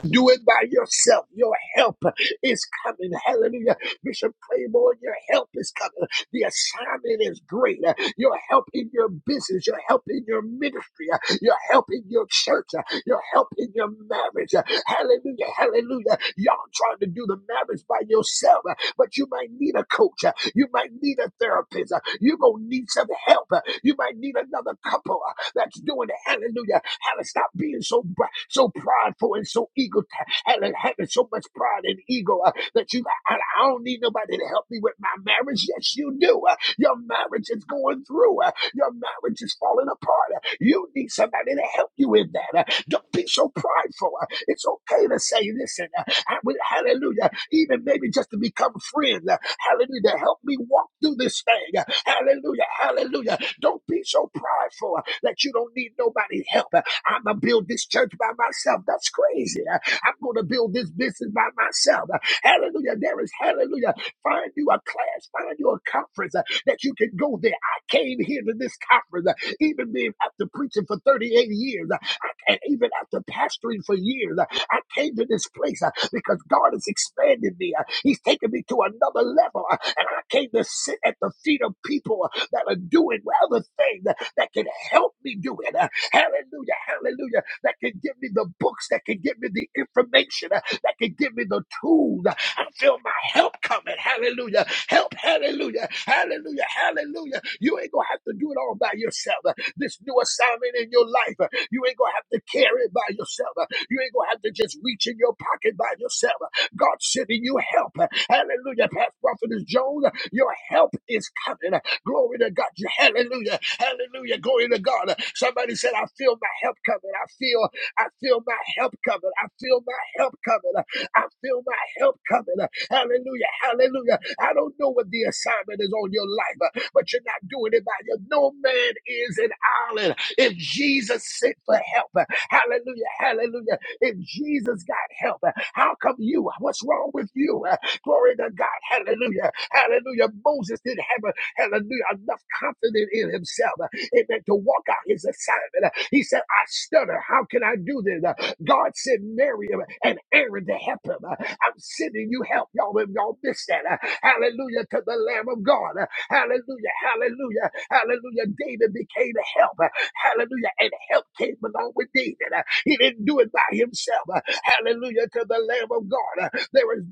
[SPEAKER 1] Do it by yourself. Your help is coming. Hallelujah. Bishop Claiborne, your help is coming. The assignment is great. Your help in your business, your help in your ministry, your help in your church, your help in your marriage, Hallelujah. Hallelujah. Y'all trying to do the marriage by yourself, uh, but you might need a coach. uh, You might need a therapist. uh, you going to need some help. uh, You might need another couple uh, that's doing it. Hallelujah. Hallelujah. Stop being so so prideful and so ego. Hallelujah. Having so much pride and ego uh, that you, I, don't need nobody to help me with my marriage. Yes, you do. Uh, your marriage is going through. uh, your marriage is falling apart. You need somebody to help you in that. Don't be so prideful. It's okay to say, listen, I would, hallelujah, even maybe just to become friends. Hallelujah, help me walk through this thing. Hallelujah, hallelujah. Don't be so prideful that you don't need nobody's help. I'm going to build this church by myself. That's crazy. I'm going to build this business by myself. Hallelujah. There is hallelujah. Find you a class, find you a conference uh, that you can go there. I came here to this conference, uh, even being after preaching for 38 years, uh, I, and even after pastoring for years, uh, I came to this place uh, because God has expanded me. uh, He's taken me to another level, uh, and I came to sit at the feet of people uh, that are doing other things that that can help me do it. Uh, Hallelujah. Hallelujah. That can give me the books, that can give me the information, uh, that can give me the tools. Uh, I feel my help coming. Hallelujah. Help. Hallelujah. Hallelujah. Hallelujah. You ain't going to have to do it all by yourself. Uh, This new assignment in your life, uh, you ain't going to have to carry it by yourself. Uh, You ain't going to have to just reach in your pocket by yourself. Uh, God sending you help. Uh, Hallelujah. Past Prophetess Jones, uh, your help is coming. Uh, Glory to God. Hallelujah. Hallelujah. Glory to God. Somebody said, I feel my help coming. I feel, I feel my help coming. I feel my help coming. I feel my help coming. Hallelujah. Hallelujah. I don't know what the assignment is on your life, uh, but you're not doing it by your. No man is an island. If Jesus sent for help, uh, hallelujah. Hallelujah. If Jesus got help, uh, how come you? What's wrong with you? Uh, Glory to God. Hallelujah. Hallelujah. Moses didn't have hallelujah, enough confident in himself, uh, amen, to walk out his assignment. Uh, He said, I stutter. How can I do this? Uh, God sent Miriam and Aaron to help him. Uh, I'm sending you help. Y'all, if y'all miss that, uh, hallelujah to the Lamb of God. Uh, Hallelujah, hallelujah, hallelujah. David became a help. Uh, Hallelujah. And help came along with David. Uh, He didn't do it by himself. Uh, Hallelujah to the Lamb of God. Uh, There is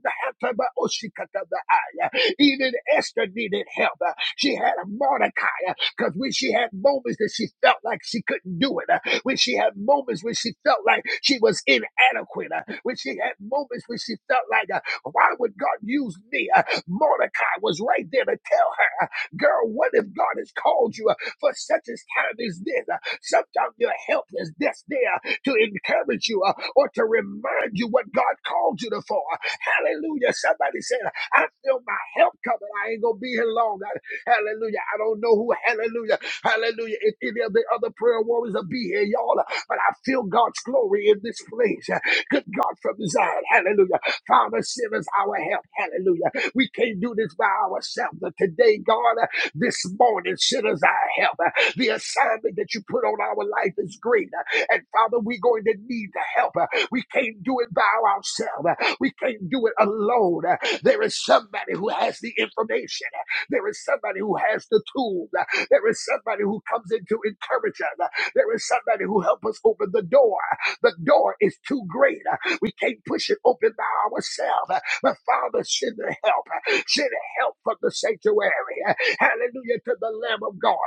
[SPEAKER 1] even Esther needed help. Uh, She had a Mordecai because when she had moments that she felt like she couldn't do it, uh, when she had moments when she felt like she was inadequate, uh, when she had moments when she felt like, uh, why would God use me? Uh, Mordecai was right there to tell her, uh, girl, what if God has called you uh, for such a time as this? Uh, Sometimes your help is just there to encourage you uh, or to remind you what God called you to for. uh, Hallelujah. Somebody said, I feel my help coming. I ain't gonna be here long. I- hallelujah. I don't know who, hallelujah, hallelujah, if any of the other prayer warriors will be here, y'all, but I feel God's glory in this place. Good God from Zion, hallelujah. Father, send us our help, hallelujah. We can't do this by ourselves, but today, God. This morning, sinners, I help. The assignment that you put on our life is great. And Father, we're going to need the help. We can't do it by ourselves. We can't do it alone. There is somebody who has the information. There is somebody who has the tools. There is somebody who comes in to encourage us. There is somebody who helps us open the door. The door is too great. We can't push it open by ourselves. But Father, send the help. Send help from the sanctuary. Hallelujah to the Lamb of God.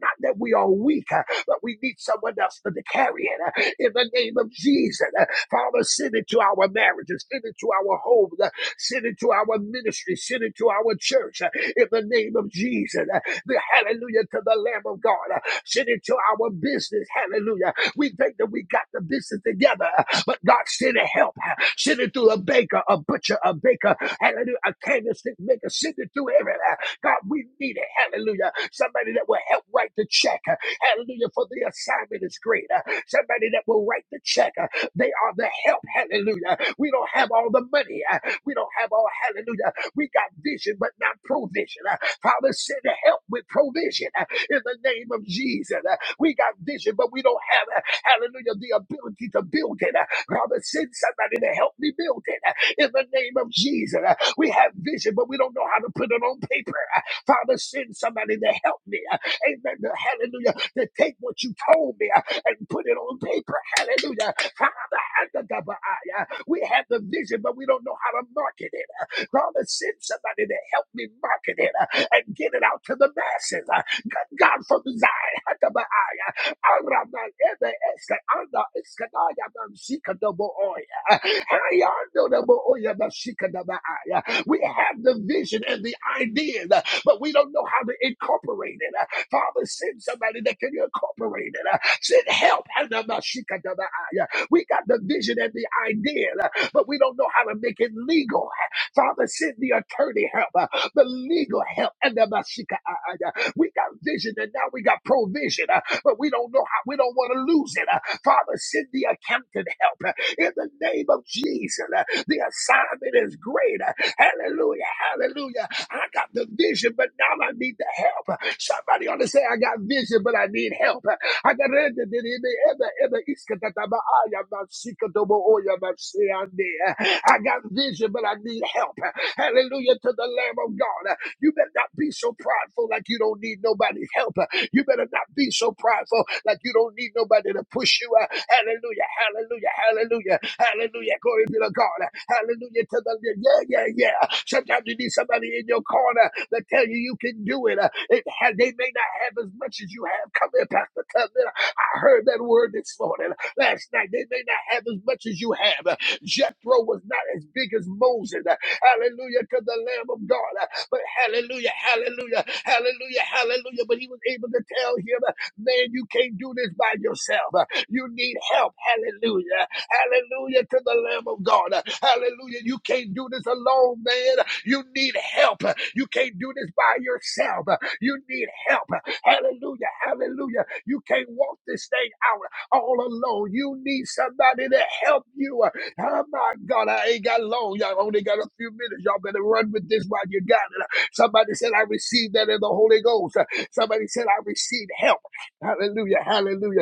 [SPEAKER 1] Not that we are weak, but we need someone else to carry it. In the name of Jesus, Father, send it to our marriages, send it to our homes, send it to our ministry, send it to our church. In the name of Jesus, The hallelujah to the Lamb of God. Send it to our business. Hallelujah. We think that we got the business together, but God send it help. Send it through a baker, a butcher, a baker, hallelujah, a candlestick maker. Send it through everything. God, we need it. Hallelujah. Somebody that will help write the check. uh, Hallelujah. For the assignment is great. uh, Somebody that will write the check. uh, They are the help. Hallelujah. We don't have all the money. uh, We don't have all. Hallelujah. We got vision, but not provision. uh, Father, send help with provision uh, in the name of Jesus. Uh, We got vision, but we don't have, uh, hallelujah, the ability to build it. Uh, Father, send somebody to help me build it uh, in the name of Jesus. We have vision, but we don't know how to put it on paper. Father, send somebody to help me. Amen. Hallelujah. To take what you told me and put it on paper. Hallelujah. Father, under the eye. we have the vision, but we don't know how to market it. Father, send somebody to help me market it and get it out to the masses. God from Zion, under the eye. Araman ebe eske we have the vision and the ideas, uh, but we don't know how to incorporate it. Uh, Father, send somebody that can incorporate it. Uh, Send help. We got the vision and the idea, uh, but we don't know how to make it legal. Father, send the attorney help, uh, the legal help. and the Mashika, uh, uh, uh, We got vision and now we got provision, uh, but we don't know how, we don't want to lose it. uh, Father, send the accountant help uh, in the name of Jesus. uh, The assignment is great. Hallelujah. Hallelujah. I got the vision, but now I need the help. Somebody ought to say, I got vision, but I need help. I got it. I got vision, but I need help. Hallelujah to the Lamb of God. You better not be so prideful like you don't need nobody's help. You better not be so prideful like you don't need nobody to push you. Hallelujah, hallelujah, hallelujah, hallelujah. Glory be to God. Hallelujah to the yeah, yeah, yeah. Sometimes you need somebody in your corner that tell you you can do it. it ha- they may not have as much as you have. Come here, Pastor Tubman. I heard that word this morning, last night. They may not have as much as you have. Jethro was not as big as Moses. Hallelujah to the Lamb of God. But hallelujah, hallelujah, hallelujah, hallelujah. But he was able to tell him, man, you can't do this by yourself. You need help. Hallelujah. Hallelujah to the Lamb of God. Hallelujah. You can't do this alone, man. You need help. You can't do this by yourself. You need help. Hallelujah. Hallelujah. You can't walk this thing out all alone. You need somebody to help you. Oh my God, I ain't got long. Y'all only got a few minutes. Y'all better run with this while you got it. Somebody said, I received that in the Holy Ghost. Somebody said, I received help. Hallelujah, hallelujah.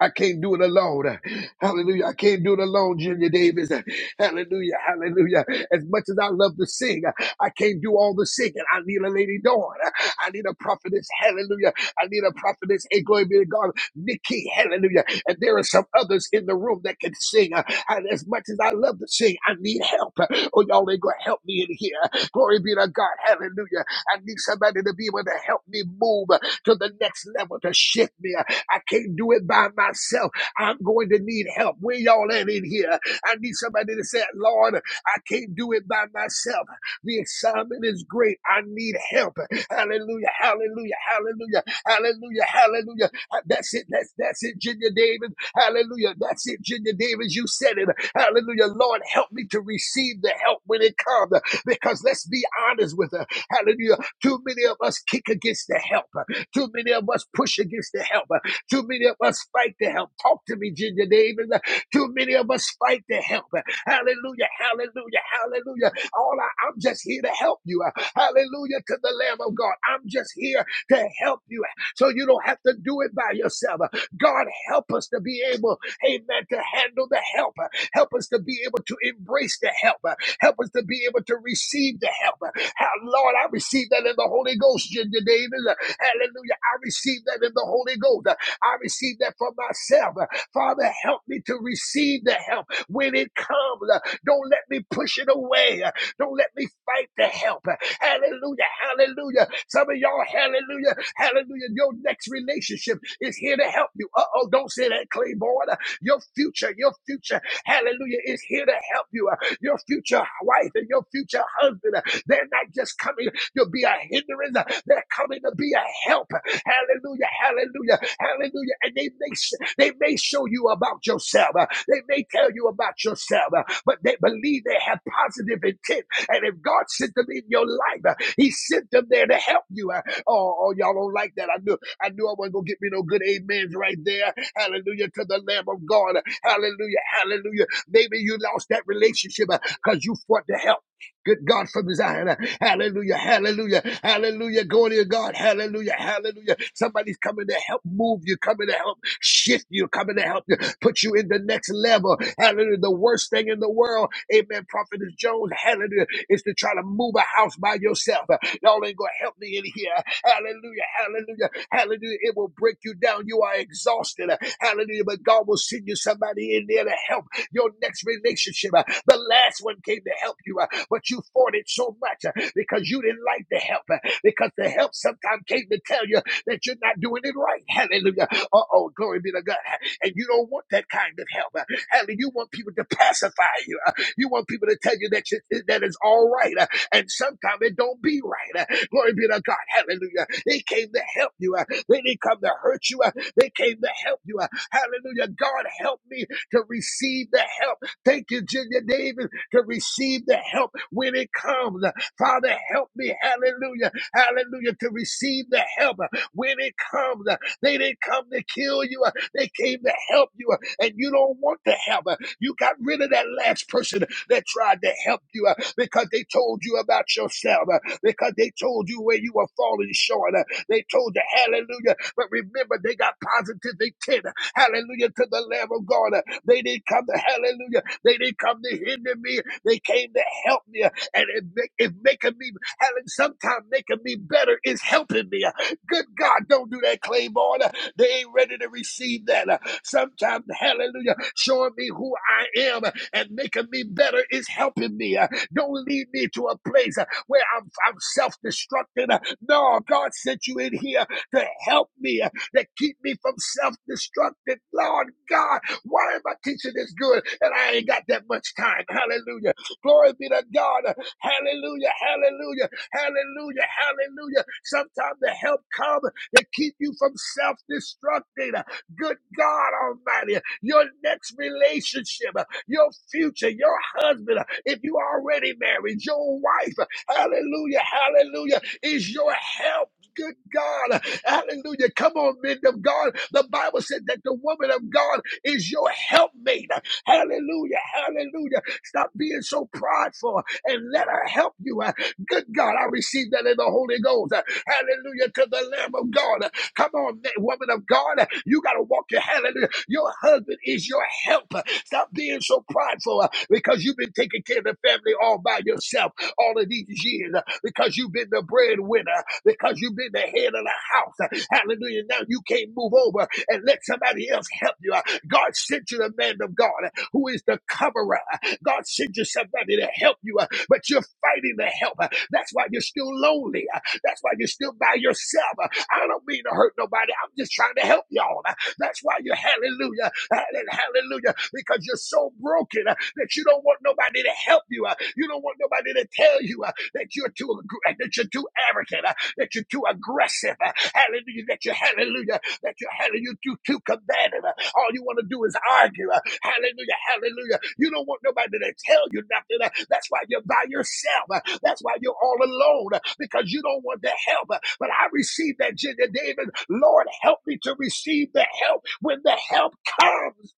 [SPEAKER 1] I can't do it alone. Hallelujah. I can't do it alone, Junior Davis. Hallelujah. Hallelujah. As much as I love to sing, I can't do all the singing. I need a Lady Dawn. I need a prophetess. Hallelujah. I need a prophetess. And glory be to God. Nikki. Hallelujah. And there are some others in the room that can sing. Uh, And as much as I love to sing, I need help. Uh, Oh, y'all ain't going to help me in here. Glory be to God. Hallelujah. I need somebody to be able to help me move uh, to the next level, to shift me. I can't do it by myself. I'm going to need help. Where y'all at in here? I need somebody to say, Lord, I can't do it by myself. The assignment is great. I need help. Hallelujah. Hallelujah. Hallelujah. Hallelujah. Hallelujah. Uh, That's it. That's that's it, Junior Davis. Hallelujah. That's it, Junior Davis. You said it. Hallelujah. Lord, help me to receive the help when it comes. Because let's be honest with her. Hallelujah. Too many of us kick against the help. uh, Too many of us push against the help. uh, too many of us fight to help. Talk to me, Ginger Davis. Too many of us fight to help. Hallelujah, hallelujah, hallelujah. All I, I'm just here to help you. Hallelujah to the Lamb of God. I'm just here to help you so you don't have to do it by yourself. God, help us to be able, amen, to handle the help. Help us to be able to embrace the help. Help us to be able to receive the help. How- Lord, I receive that in the Holy Ghost, Ginger Davis. Hallelujah. I receive that in the Holy Ghost. I receive that for myself. Father, help me to receive the help when it comes. Don't let me push it away. Don't let me fight the help. Hallelujah. Hallelujah. Some of y'all, hallelujah. Hallelujah. Your next relationship is here to help you. Uh oh, don't say that, Claiborne. Your future, your future, hallelujah, is here to help you. Your future wife and your future husband, they're not just coming. You'll be a hindrance. They're coming to be a help. Hallelujah. Hallelujah. Hallelujah. And they may, they may show you about yourself. They may tell you about yourself, but they believe they have positive intent. And if God sent them in your life, He sent them there to help you. Oh, oh y'all don't like that. I knew I knew I wasn't gonna get me no good amens right there. Hallelujah to the Lamb of God. Hallelujah. Hallelujah. Maybe you lost that relationship because you fought to help. Good God from Zion. Hallelujah. Hallelujah. Hallelujah. Glory to God. Hallelujah. Hallelujah. Somebody's coming to help move you, coming to help shift you, coming to help you, put you in the next level. Hallelujah. The worst thing in the world, amen, Prophetess Jones, hallelujah, is to try to move a house by yourself. Y'all ain't gonna help me in here. Hallelujah. Hallelujah. Hallelujah. It will break you down. You are exhausted. Hallelujah. But God will send you somebody in there to help your next relationship. Uh, The last one came to help you, uh, but you fought it so much uh, because you didn't like the help, uh, because the help sometimes came to tell you that you're not doing it right. Hallelujah. Uh oh, glory be to God. And you don't want that kind of help. Uh, Hallelujah. You want people to pacify you. Uh, You want people to tell you that you, that is all right. Uh, And sometimes it don't be right. Uh, Glory be to God. Hallelujah. They came to help you. Uh, They didn't come to hurt you. Uh, They came to help you. Uh, Hallelujah. God help me to receive the help. Thank you, Junior Davis. to receive the help when it comes. Father, help me. Hallelujah. Hallelujah. To receive the help when it comes. They didn't come to kill you. They came to help you. And you don't want the help. You got rid of that last person that tried to help you uh, because they told you about yourself, uh, because they told you where you were falling short. uh, They told you, hallelujah. But remember, they got positive intent. Hallelujah to the Lamb of God. They didn't come to hallelujah. They didn't come to hinder me. They came to help me. And it, make, it making me, hallelujah, sometimes making me better is helping me. Good God, don't do that, Claiborne. They ain't ready to receive that. Sometimes, hallelujah, showing me who I am and making me better is helping me. Don't lead me to a place where I'm, I'm self destructing. No, God sent you in here to help me that keep me from self-destructing. Lord God, why am I teaching this good and I ain't got that much time? Hallelujah. Glory be to God. Hallelujah. Hallelujah. Hallelujah. Hallelujah. Sometimes the help comes to keep you from self-destructing. Good God Almighty, your next relationship, your future, your husband, if you already married, your wife, hallelujah, hallelujah, is your help. Good God. Hallelujah. Come on, men of God. The Bible said that the woman of God is your helpmate. Hallelujah. Hallelujah. Stop being so prideful and let her help you. Good God. I receive that in the Holy Ghost. Hallelujah to the Lamb of God. Come on, ma- woman of God. You got to walk your hallelujah. Your husband is your helper. Stop being so prideful uh, because you've been taking care of the family all by yourself all of these years uh, because you've been the breadwinner because you've been the head of the house. Hallelujah. Now you can't move over and let somebody else help you. God sent you the man of God who is the coverer. God sent you somebody to help you, but you're fighting the help. That's why you're still lonely. That's why you're still by yourself. I don't mean to hurt nobody. I'm just trying to help y'all. That's why you're hallelujah and hallelujah because you're so broken uh, that you don't want nobody to help you. uh, You don't want nobody to tell you uh, that you're too that you're too arrogant that you're too aggressive. uh, Hallelujah. That you're, hallelujah, that you're, hallelujah, too, too combative. uh, All you want to do is argue. uh, Hallelujah. Hallelujah. You don't want nobody to tell you nothing. uh, That's why you're by yourself. uh, That's why you're all alone uh, because you don't want the help. uh, But I received that, Junior David. Lord, help me to receive the help when the help comes.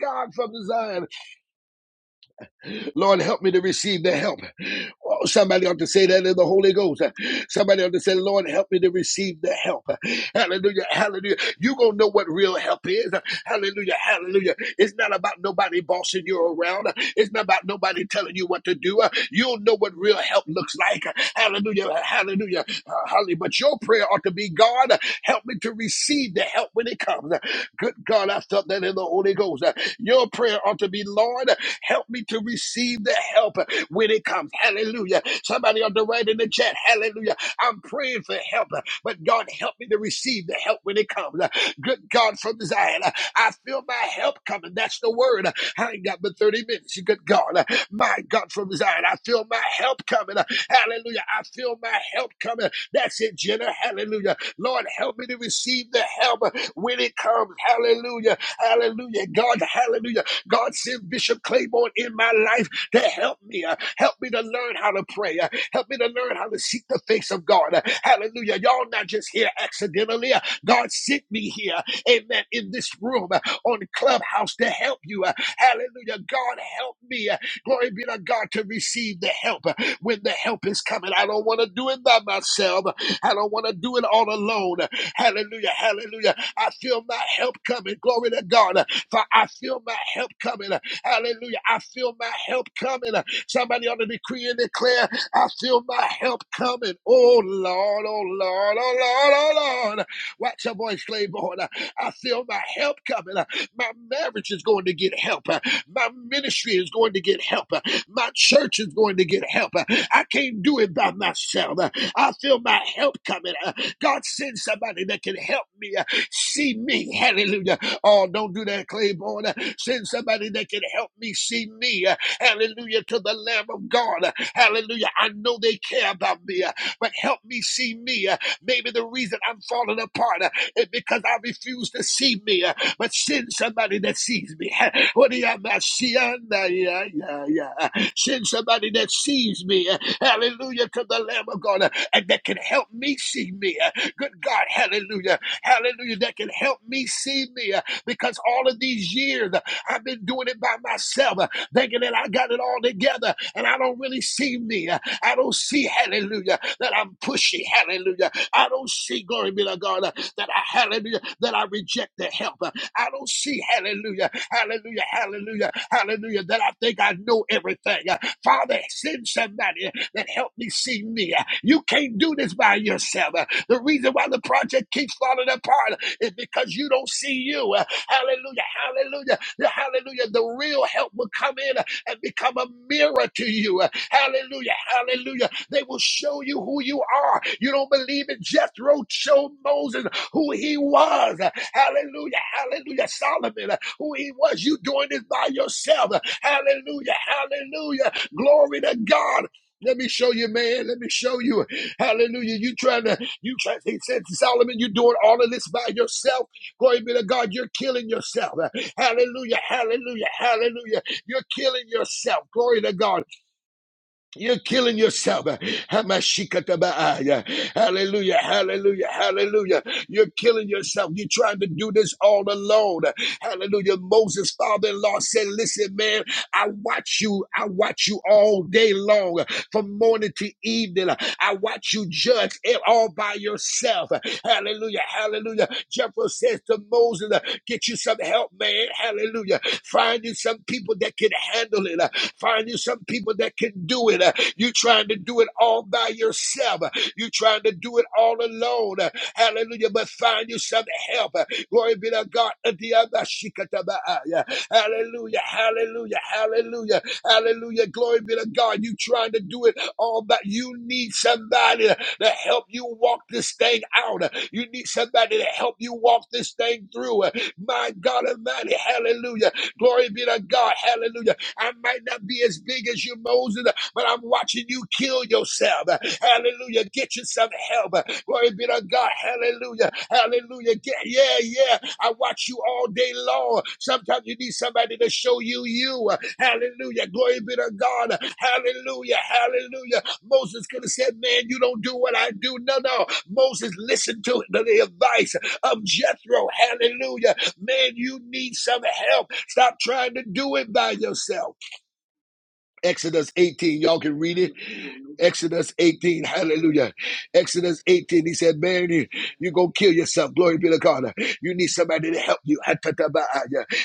[SPEAKER 1] God from Zion. Lord, help me to receive the help. Oh, somebody ought to say that in the Holy Ghost. Somebody ought to say, Lord, help me to receive the help. Hallelujah. Hallelujah. You're going to know what real help is. Hallelujah. Hallelujah. It's not about nobody bossing you around. It's not about nobody telling you what to do. You'll know what real help looks like. Hallelujah. Hallelujah. Uh, Hallelujah. But your prayer ought to be God, help me to receive the help when it comes. Good God, I felt that in the Holy Ghost. Your prayer ought to be, Lord, help me to receive the help when it comes. Hallelujah. Hallelujah. Somebody ought to write in the chat. Hallelujah. I'm praying for help, uh, but God help me to receive the help when it comes. Uh, Good God from Zion. uh, I feel my help coming. That's the word. Uh, I ain't got but 30 minutes. Good God. Uh, My God from Zion. I feel my help coming. Uh, Hallelujah. I feel my help coming. That's it, Jenna. Hallelujah. Lord, help me to receive the help uh, when it comes. Hallelujah. Hallelujah. God, hallelujah. God send Bishop Claiborne in my life to help me. uh, Help me to learn how to pray. uh, Help me to learn how to seek the face of God. uh, Hallelujah. Y'all not just here accidentally. uh, God sent me here, amen, in this room uh, on Clubhouse to help you. uh, Hallelujah. God help me. uh, Glory be to God to receive the help uh, when the help is coming. I don't want to do it by myself. I don't want to do it all alone. Uh, Hallelujah. Hallelujah. I feel my help coming. Glory to God. Uh, For I feel my help coming. Uh, Hallelujah. I feel my help coming. Somebody ought to decree and declare, I feel my help coming. Oh Lord, oh Lord, oh Lord, oh Lord. Watch your voice, Claiborne. I feel my help coming. My marriage is going to get help. My ministry is going to get help. My church is going to get help. I can't do it by myself. I feel my help coming. God send somebody that can help me. See me. Hallelujah. Oh, don't do that, Claiborne. Send somebody that can help me see me. Hallelujah. To the Lamb of God. Hallelujah. I know they care about me but help me see me. Uh, Maybe the reason I'm falling apart uh, is because I refuse to see me, uh, but send somebody that sees me. What do you have, Uh, Yeah, yeah, yeah. Send somebody that sees me. Uh, Hallelujah to the Lamb of God, uh, and that can help me see me. Uh, Good God, hallelujah, hallelujah, that can help me see me, uh, because all of these years uh, I've been doing it by myself myself, uh, thinking that I got it all together and I don't really see me. Uh, I don't see, hallelujah, that I'm pushy, hallelujah. I don't see, glory be to God, uh, that I, hallelujah, that I reject the help. Uh, I don't see, hallelujah, hallelujah, hallelujah, hallelujah, that I think I know everything. Uh, Father, send somebody that help me see me. Uh, You can't do this by yourself. Uh, The reason why the project keeps falling falling apart is because you don't see you. Hallelujah. Hallelujah. Hallelujah. The real help will come in and become a mirror to you. Hallelujah. Hallelujah. They will show you who you are. You don't believe it. Jethro showed Moses who he was. Hallelujah. Hallelujah. Solomon, who he was. You doing this by yourself. Hallelujah. Hallelujah. Glory to God. Let me show you, man. Let me show you. Hallelujah. You trying to, you trying, he said, Solomon, you're doing all of this by yourself. Glory be to God. You're killing yourself. Hallelujah. Hallelujah. Hallelujah. You're killing yourself. Glory to God. You're killing yourself. Hamashikatabaya. Hallelujah. Hallelujah. Hallelujah. You're killing yourself. You're trying to do this all alone. Hallelujah. Moses' father in law said, Listen, man, I watch you. I watch you all day long from morning to evening. I watch you judge it all by yourself. Hallelujah. Hallelujah. Jethro says to Moses, get you some help, man. Hallelujah. Find you some people that can handle it. Find you some people that can do it. You trying to do it all by yourself. You trying to do it all alone. Hallelujah." Hallelujah. But find you some help. Glory be to God. Adiyabashikatabaya. Hallelujah. Hallelujah. Hallelujah. Hallelujah. Glory be to God. You trying to do it all, but you need somebody to help you walk this thing out. You need somebody to help you walk this thing through. My God Almighty. Hallelujah. Glory be to God. Hallelujah. I might not be as big as you, Moses, but I'm watching you kill yourself. Hallelujah. Get yourself help. Glory be to God. Hallelujah. Hallelujah. Get, yeah, yeah. I watch you all day long. Sometimes you need somebody to show you you. Hallelujah. Glory be to God. Hallelujah. Hallelujah. Moses could have said, Man, you don't do what I do. No, no. Moses listened to the advice of Jethro. Hallelujah. Man, you need some help. Stop trying to do it by yourself. Exodus 18, y'all can read it. Exodus 18, hallelujah. Exodus 18, he said, Man, you, you going to kill yourself. Glory be to God. You need somebody to help you.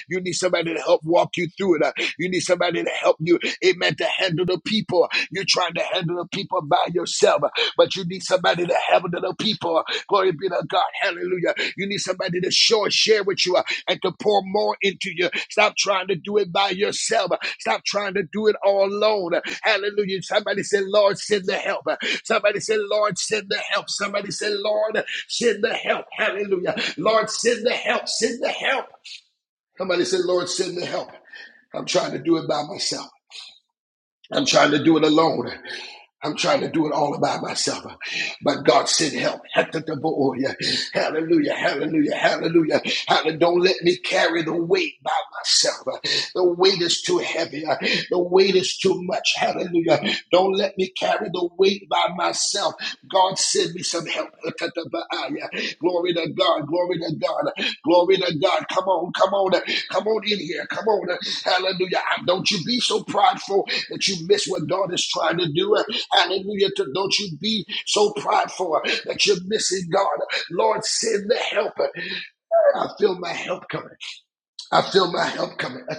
[SPEAKER 1] You need somebody to help walk you through it. Uh, You need somebody to help you, amen, to handle the people. You're trying to handle the people by yourself, uh, but you need somebody to handle the people. Glory be to God. Hallelujah. You need somebody to show and share with you uh, and to pour more into you. Stop trying to do it by yourself. Uh, Stop trying to do it all alone. Uh, Hallelujah. Somebody said, Lord, send the help. Uh, Somebody said, Lord, send the help. Somebody said, Lord, send the help. Hallelujah. Lord, send the help. Send the help. Somebody said, Lord, send me help. I'm trying to do it by myself. I'm trying to do it alone. I'm trying to do it all by myself. But God sent help. Hallelujah, hallelujah, hallelujah. Hallelujah. Don't let me carry the weight by myself. The weight is too heavy. The weight is too much. Hallelujah. Don't let me carry the weight by myself. God send me some help. Glory to God. Glory to God. Glory to God. Come on. Come on. Come on in here. Come on. Hallelujah. Uh, Don't you be so prideful that you miss what God is trying to do. Uh, Hallelujah. Don't you be so prideful uh, that you're missing God. Lord, send the helper. I feel my help coming. I feel my help coming. I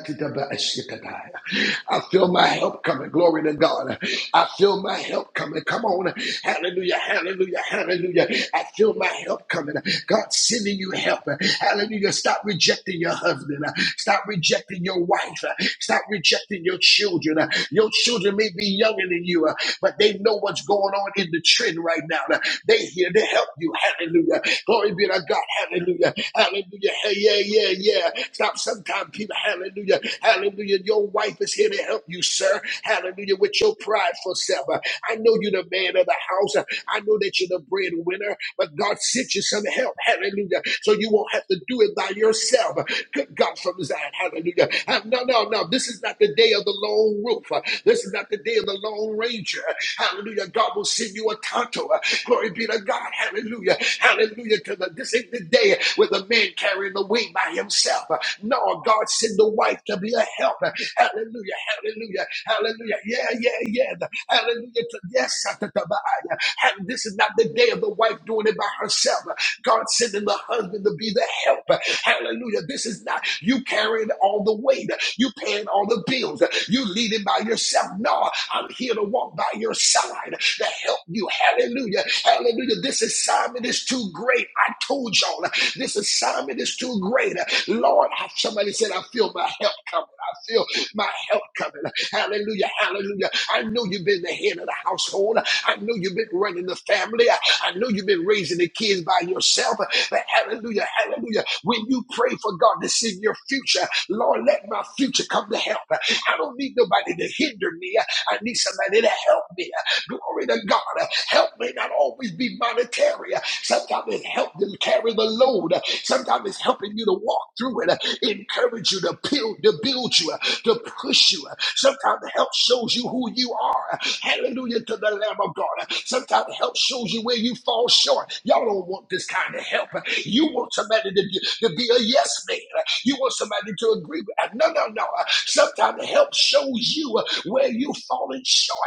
[SPEAKER 1] feel my help coming. Glory to God. I feel my help coming. Come on. Hallelujah. Hallelujah. Hallelujah. I feel my help coming. God sending you help. Hallelujah. Stop rejecting your husband. Stop rejecting your wife. Stop rejecting your children. Your children may be younger than you, but they know what's going on in the trenches sin right now. They here to help you. Hallelujah. Glory be to God. Hallelujah. Hallelujah. Hey, yeah, yeah, yeah. Stop Sometimes, people. Hallelujah. Hallelujah. Your wife is here to help you, sir. Hallelujah. With your prideful self. I know you're the man of the house. I know that you're the breadwinner, but God sent you some help. Hallelujah. So you won't have to do it by yourself. Good God from Zion. Hallelujah. Uh, no, no, no. This is not the day of the lone wolf. Uh, This is not the day of the lone ranger. Hallelujah. God will send you a tonto. Uh, Glory be to God. Hallelujah. Hallelujah. To the, this ain't the day with a man carrying the weight by himself. Uh, No, God send the wife to be a help. Uh, Hallelujah. Hallelujah. Hallelujah. Yeah, yeah, yeah. Hallelujah. To, yes. uh, to- to- uh, uh, This is not the day of day of the wife doing it by herself. God sending the husband to be the helper. Hallelujah. This is not you carrying all the weight, you paying all the bills, you leading by yourself. No, I'm here to walk by your side to help you. Hallelujah. Hallelujah. This assignment is too great. I told y'all this assignment is too great. Lord, somebody said, I feel my help coming. I feel my help coming. Hallelujah. Hallelujah. I know you've been the head of the household. I know you've been running the family. I know you've been raising the kids by yourself, but hallelujah, hallelujah. When you pray for God to see your future, Lord, let my future come to help. I don't need nobody to hinder me. I need somebody to help me. Glory to God. Help may not always be monetary. Sometimes it's help them carry the load. Sometimes it's helping you to walk through it, encourage you to build, to build you, to push you. Sometimes help shows you who you are. Hallelujah to the Lamb of God. Sometimes help shows you where you you fall short. Y'all don't want this kind of help. You want somebody to, to be a yes man. You want somebody to agree with. No, no, no. Sometimes help shows you where you're falling short.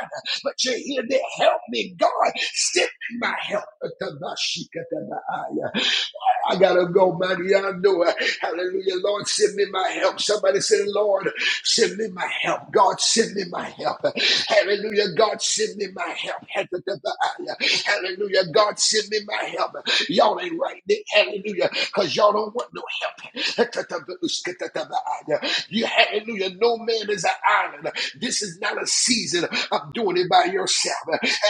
[SPEAKER 1] But you're here to help me. God, send me my help. I gotta go, man. Y'all do it. Hallelujah. Lord, send me my help. Somebody say, Lord, send me my help. God, send me my help. Hallelujah. God, send me my help. Hallelujah. God, send me my help. Y'all ain't right there. Hallelujah. Because y'all don't want no help. You, hallelujah. No man is an island. This is not a season of doing it by yourself.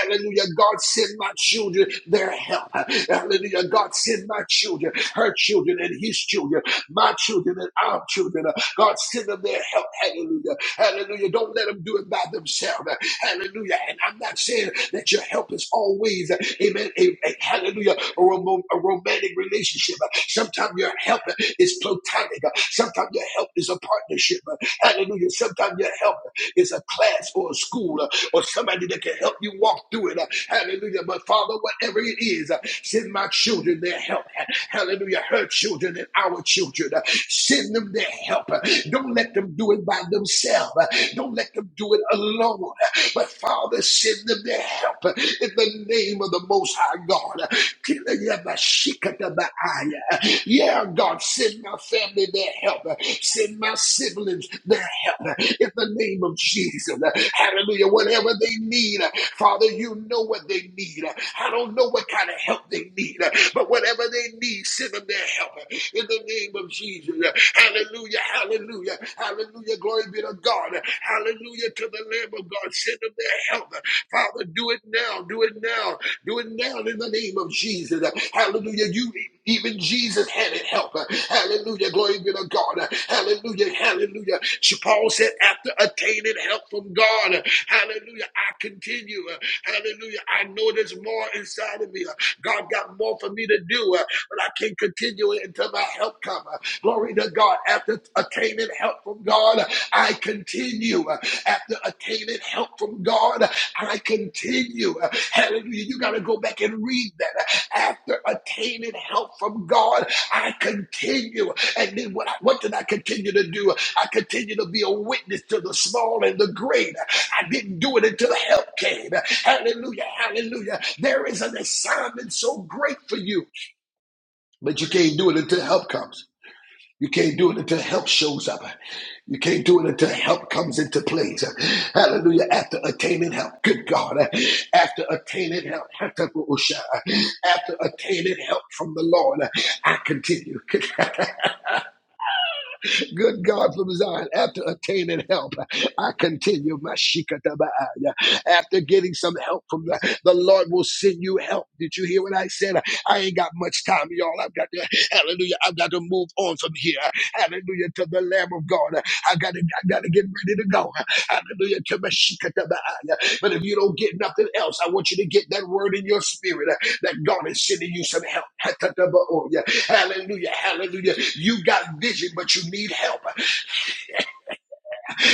[SPEAKER 1] Hallelujah. God, send my children their help. Hallelujah. God, send my children, her children, and his children, my children, and our children. Uh, God, send them their help. Hallelujah. Hallelujah. Don't let them do it by themselves. Uh, Hallelujah. And I'm not saying that your help is always, uh, amen, a, a- hallelujah, a, rom- a romantic relationship. Uh, Sometimes your help is platonic. Uh, Sometimes your help is a partnership. Uh, Hallelujah. Sometimes your help is a class or a school uh, or somebody that can help you walk through it. uh, Hallelujah. But Father, whatever it is, uh, send my children their help help. Hallelujah. Her children and our children. Send them their help. Don't let them do it by themselves. Don't let them do it alone. But Father, send them their help in the name of the Most High God. Yeah, God, send my family their help. Send my siblings their help in the name of Jesus. Hallelujah. Whatever they need, Father, you know what they need. I don't know what kind of help they need, but whatever whatever they need, send them their help in the name of Jesus. Hallelujah, hallelujah, hallelujah. Glory be to God. Hallelujah to the Lamb of God. Send them their help. Father, do it now, do it now, do it now in the name of Jesus. Hallelujah. You even Jesus had it help. Hallelujah. Glory be to God. Hallelujah. Hallelujah. Paul said, after attaining help from God, hallelujah, I continue. Hallelujah. I know there's more inside of me. God got more for me to do do, uh, but I can continue it until my help comes. Uh, Glory to God. After attaining help from God, I continue. Uh, After attaining help from God, I continue. Uh, Hallelujah. You got to go back and read that. Uh, After attaining help from God, I continue. And then what, I, what did I continue to do? I continue to be a witness to the small and the great. I didn't do it until help came. Hallelujah. Hallelujah. There is an assignment so great for you. But you can't do it until help comes. You can't do it until help shows up. You can't do it until help comes into place. Hallelujah. After attaining help. Good God. After attaining help. After attaining help from the Lord. I continue. Good God from Zion, after attaining help, I continue my shikatabaaya. After getting some help from the, the Lord will send you help. Did you hear what I said? I ain't got much time, y'all. I've got to, hallelujah, I've got to move on from here. Hallelujah to the the Lamb of God. I gotta, I gotta get ready to go. Hallelujah. Kabashikatabaaya. But if you don't get nothing else, I want you to get that word in your spirit uh, that God is sending you some help. Hatatabaoya. Hallelujah. Hallelujah. You got vision, but you need help.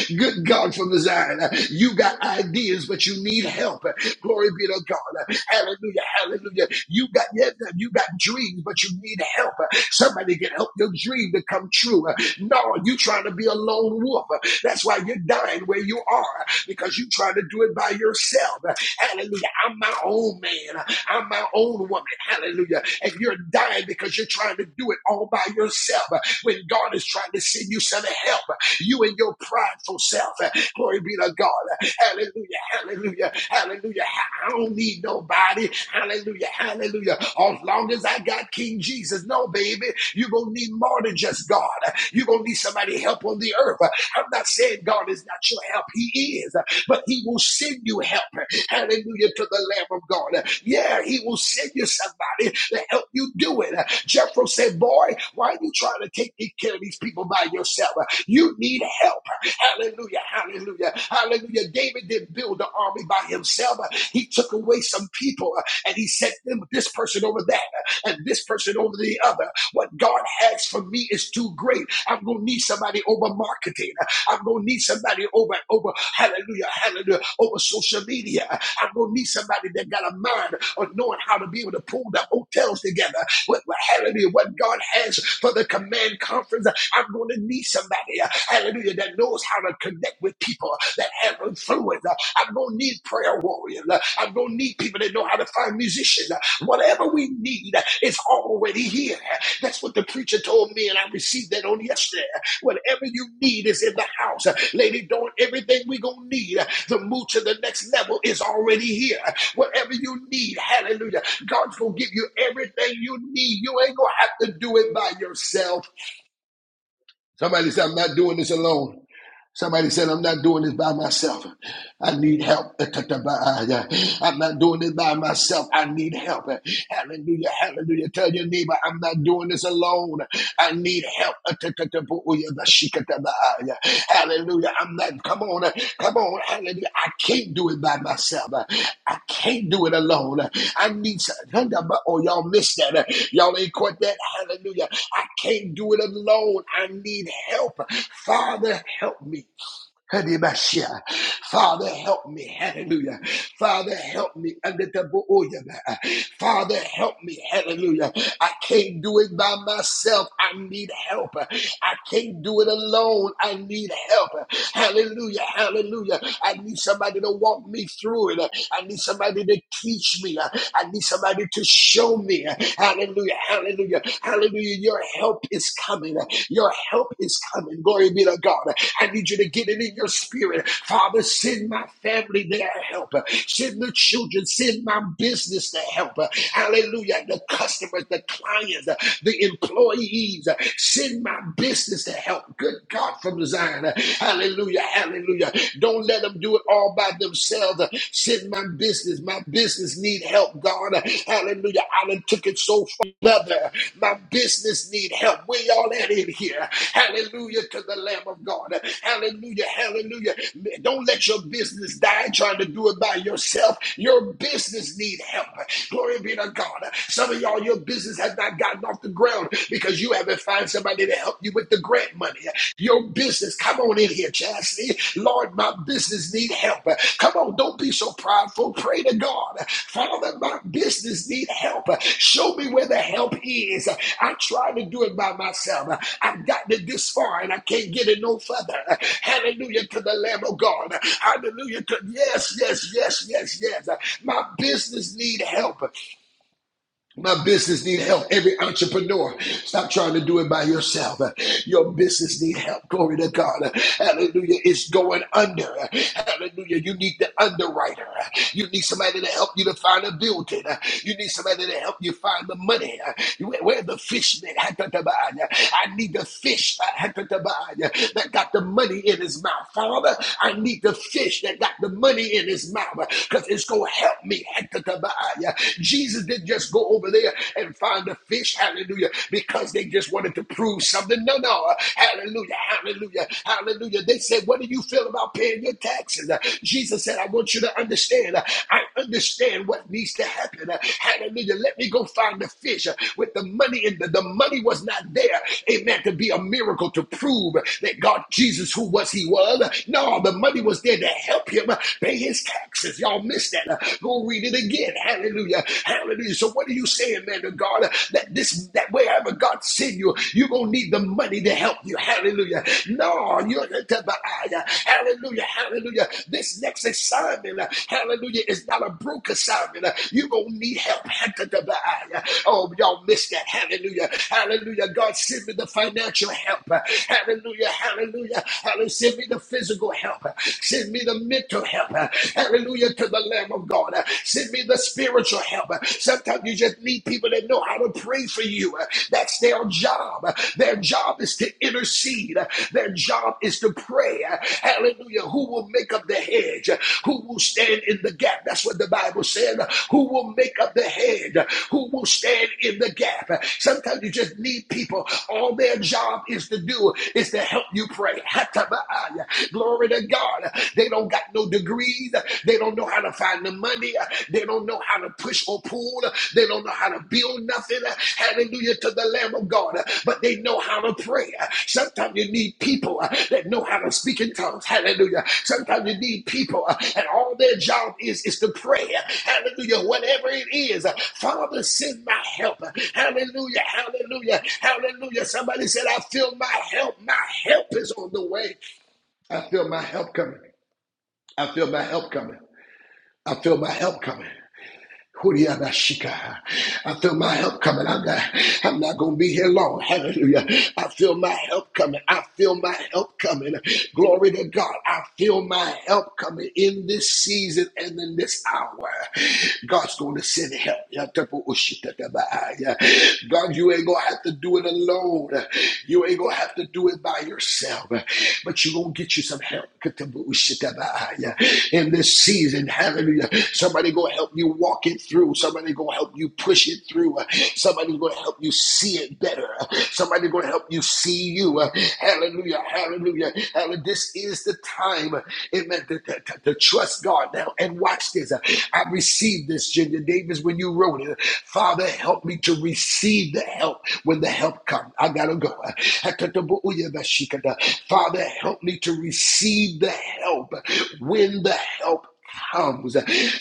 [SPEAKER 1] Good God from the Zion. You got ideas, but you need help. Glory be to God. Hallelujah. Hallelujah. You got yeah, you got dreams, but you need help. Somebody can help your dream to come true. No, you trying to be a lone wolf. That's why you're dying where you are because you trying to do it by yourself. Hallelujah. I'm my own man. I'm my own woman. Hallelujah. And you're dying because you're trying to do it all by yourself when God is trying to send you some help. You and your prideful self. Glory be to God. Hallelujah. Hallelujah. Hallelujah. I don't need nobody. Hallelujah. Hallelujah. As long as I got King Jesus. No, baby. You're going to need more than just God. You're going to need somebody help on the earth. I'm not saying God is not your help. He is. But he will send you help. Hallelujah to the Lamb of God. Yeah, He will send you somebody to help you do it. Jethro said, Boy, why are you trying to take care of these people by yourself? You need help. Hallelujah, hallelujah, hallelujah. David didn't build the army by himself. He took away some people and he set them this person over that and this person over the other. What God has for me is too great. I'm gonna need somebody over marketing. I'm gonna need somebody over and over hallelujah, hallelujah, over social media. I'm gonna need somebody that got a mind of knowing how to be able to pull the hotels together. What, what hallelujah, what God has for the command conference. I'm gonna need somebody, hallelujah, that knows how to connect with people that have influence. I'm gonna need prayer warriors. I'm gonna need people that know how to find musicians. Whatever we need is already here. That's what the preacher told me, and I received that on yesterday. Whatever you need is in the house. Lady Dawn, everything we going to need to move to the next level is already here. Whatever you need, hallelujah. God's going to give you everything you need. You ain't going to have to do it by yourself. Somebody said, I'm not doing this alone. Somebody said, I'm not doing this by myself. I need help. I'm not doing this by myself. I need help. Hallelujah. Hallelujah. Tell your neighbor, I'm not doing this alone. I need help. Hallelujah. Hallelujah. I'm not, come on, uh, come on. Hallelujah. I can't do it by myself. Uh, I can't do it alone. Uh, I need some, oh, y'all missed that. Uh, Y'all ain't caught that. Hallelujah. I can't do it alone. I need help. Father, help me. Hadibashia. Father, help me. Hallelujah. Father, help me. Adetaboyaba. Father, help me. Hallelujah. I can't do it by myself. I need help. I can't do it alone. I need help. Hallelujah. Hallelujah. I need somebody to walk me through it. I need somebody to teach me. I need somebody to show me. Hallelujah. Hallelujah. Hallelujah. Your help is coming. Your help is coming. Glory be to God. I need you to get it in your spirit. Father, send my family their help. Send the children. Send my business their help. Hallelujah. The customers, the clients, the employees. Send my business to help. Good God from Zion. Hallelujah. Hallelujah. Don't let them do it all by themselves. Send my business. My business need help, God. Hallelujah. I done took it so far, brother. My business need help. Where y'all at in here? Hallelujah to the Lamb of God. Hallelujah. Hallelujah. Don't let your business die trying to do it by yourself. Your business need help. Glory be to God. Some of y'all, your business has not gotten off the ground because you haven't found somebody to help you with the ground grant money. Your business, come on in here, Chastity. Lord, my business need help. Come on, don't be so prideful. Pray to God. Father, my business need help. Show me where the help is. I tried to do it by myself. I've gotten it this far and I can't get it no further. Hallelujah to the Lamb of God. Hallelujah to yes, yes, yes, yes, yes. My business need help. My business need help. Every entrepreneur, stop trying to do it by yourself. Your business need help. Glory to God. Hallelujah. It's going under. Hallelujah. You need the underwriter. You need somebody to help you to find a building. You need somebody to help you find the money. Where, where the fishmen? I need the fish that got the money in his mouth. Father, I need the fish that got the money in his mouth because it's going to help me. Jesus didn't just go over there and find a fish, hallelujah, because they just wanted to prove something. No, no, hallelujah, hallelujah, hallelujah. They said, What do you feel about paying your taxes? Uh, Jesus said, I want you to understand. uh, I understand what needs to happen. Uh, Hallelujah. Let me go find the fish uh, with the money, and the, the money was not there. Amen. To be a miracle to prove that God, Jesus, who was he was. No, the money was there to help him uh, pay his taxes. Y'all missed that. Go read it again. Hallelujah. Hallelujah. So what are you saying, man, to God? That this that wherever God send you, you're gonna need the money to help you. Hallelujah. No, you're to the eye. Hallelujah. Hallelujah. This next assignment, uh, hallelujah, is not a broke assignment. Uh, You're gonna need help. Hallelujah. Oh, y'all missed that. Hallelujah. Hallelujah. God send me the financial help. Uh, Hallelujah. Hallelujah. Hallelujah. Send me the physical help. Uh, Send me the mental help. Hallelujah to the Lamb of God. Send me the spiritual help. Sometimes you just need people that know how to pray for you. That's their job. Their job is to intercede. Their job is to pray. Hallelujah. Who will make up the hedge? Who will stand in the gap? That's what the Bible said. Who will make up the hedge? Who will stand in the gap? Sometimes you just need people. All their job is to do is to help you pray. Glory to God. They don't got no degrees. They don't know how to find the money. They don't know how to push or pull. They don't know how to build nothing. Hallelujah to the Lamb of God. But they know how to pray. Sometimes you need people that know how to speak in tongues. Hallelujah. Sometimes you need people and all their job is is to pray. Hallelujah. Whatever it is. Father, send my help. Hallelujah. Hallelujah. Hallelujah. Somebody said, I feel my help. My help is on the way. I feel my help coming. I feel my help coming. I feel my help coming. Huriyabashika. I feel my help coming. I'm not, I'm not going to be here long. Hallelujah. I feel my help coming. I feel my help coming. Glory to God. I feel my help coming in this season and in this hour. God's going to send help. God, you ain't going to have to do it alone. You ain't going to have to do it by yourself. But you're going to get you some help. Hallelujah. In this season, hallelujah. Somebody gonna help you walk it through. Somebody gonna help you push it through. Somebody's gonna help you see it better. Somebody's gonna help you see you. Hallelujah. Hallelujah. Hallelujah. This is the time, amen, to, to, to- to trust God now. And watch this. I received this, Ginger Davis, when you wrote it. Father, help me to receive the help when the help comes. I gotta go. Father, help me to receive the help when the help comes.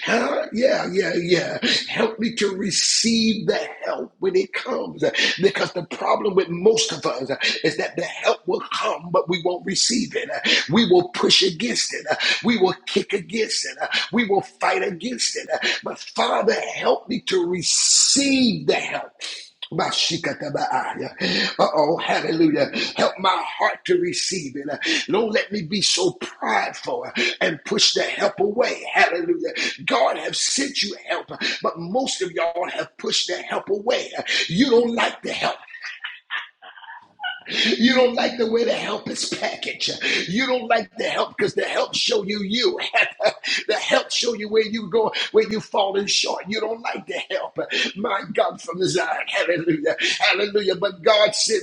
[SPEAKER 1] Huh? Yeah, yeah, yeah. Help me to receive the help when it comes. Because the problem with most of us is that the help will come, but we won't receive it. We will push against it. We will kick against it. We will fight against it. But Father, help me to receive the help. Uh oh, hallelujah. Help my heart to receive it. Uh, Don't let me be so prideful uh, and push the help away. Hallelujah. God have sent you help, uh, but most of y'all have pushed the help away. Uh, You don't like the help. You don't like the way the help is packaged. You don't like the help because the help show you you. the help show you where you go, where you falling short. You don't like the help. My God, from the Zion. Hallelujah. Hallelujah. But God said,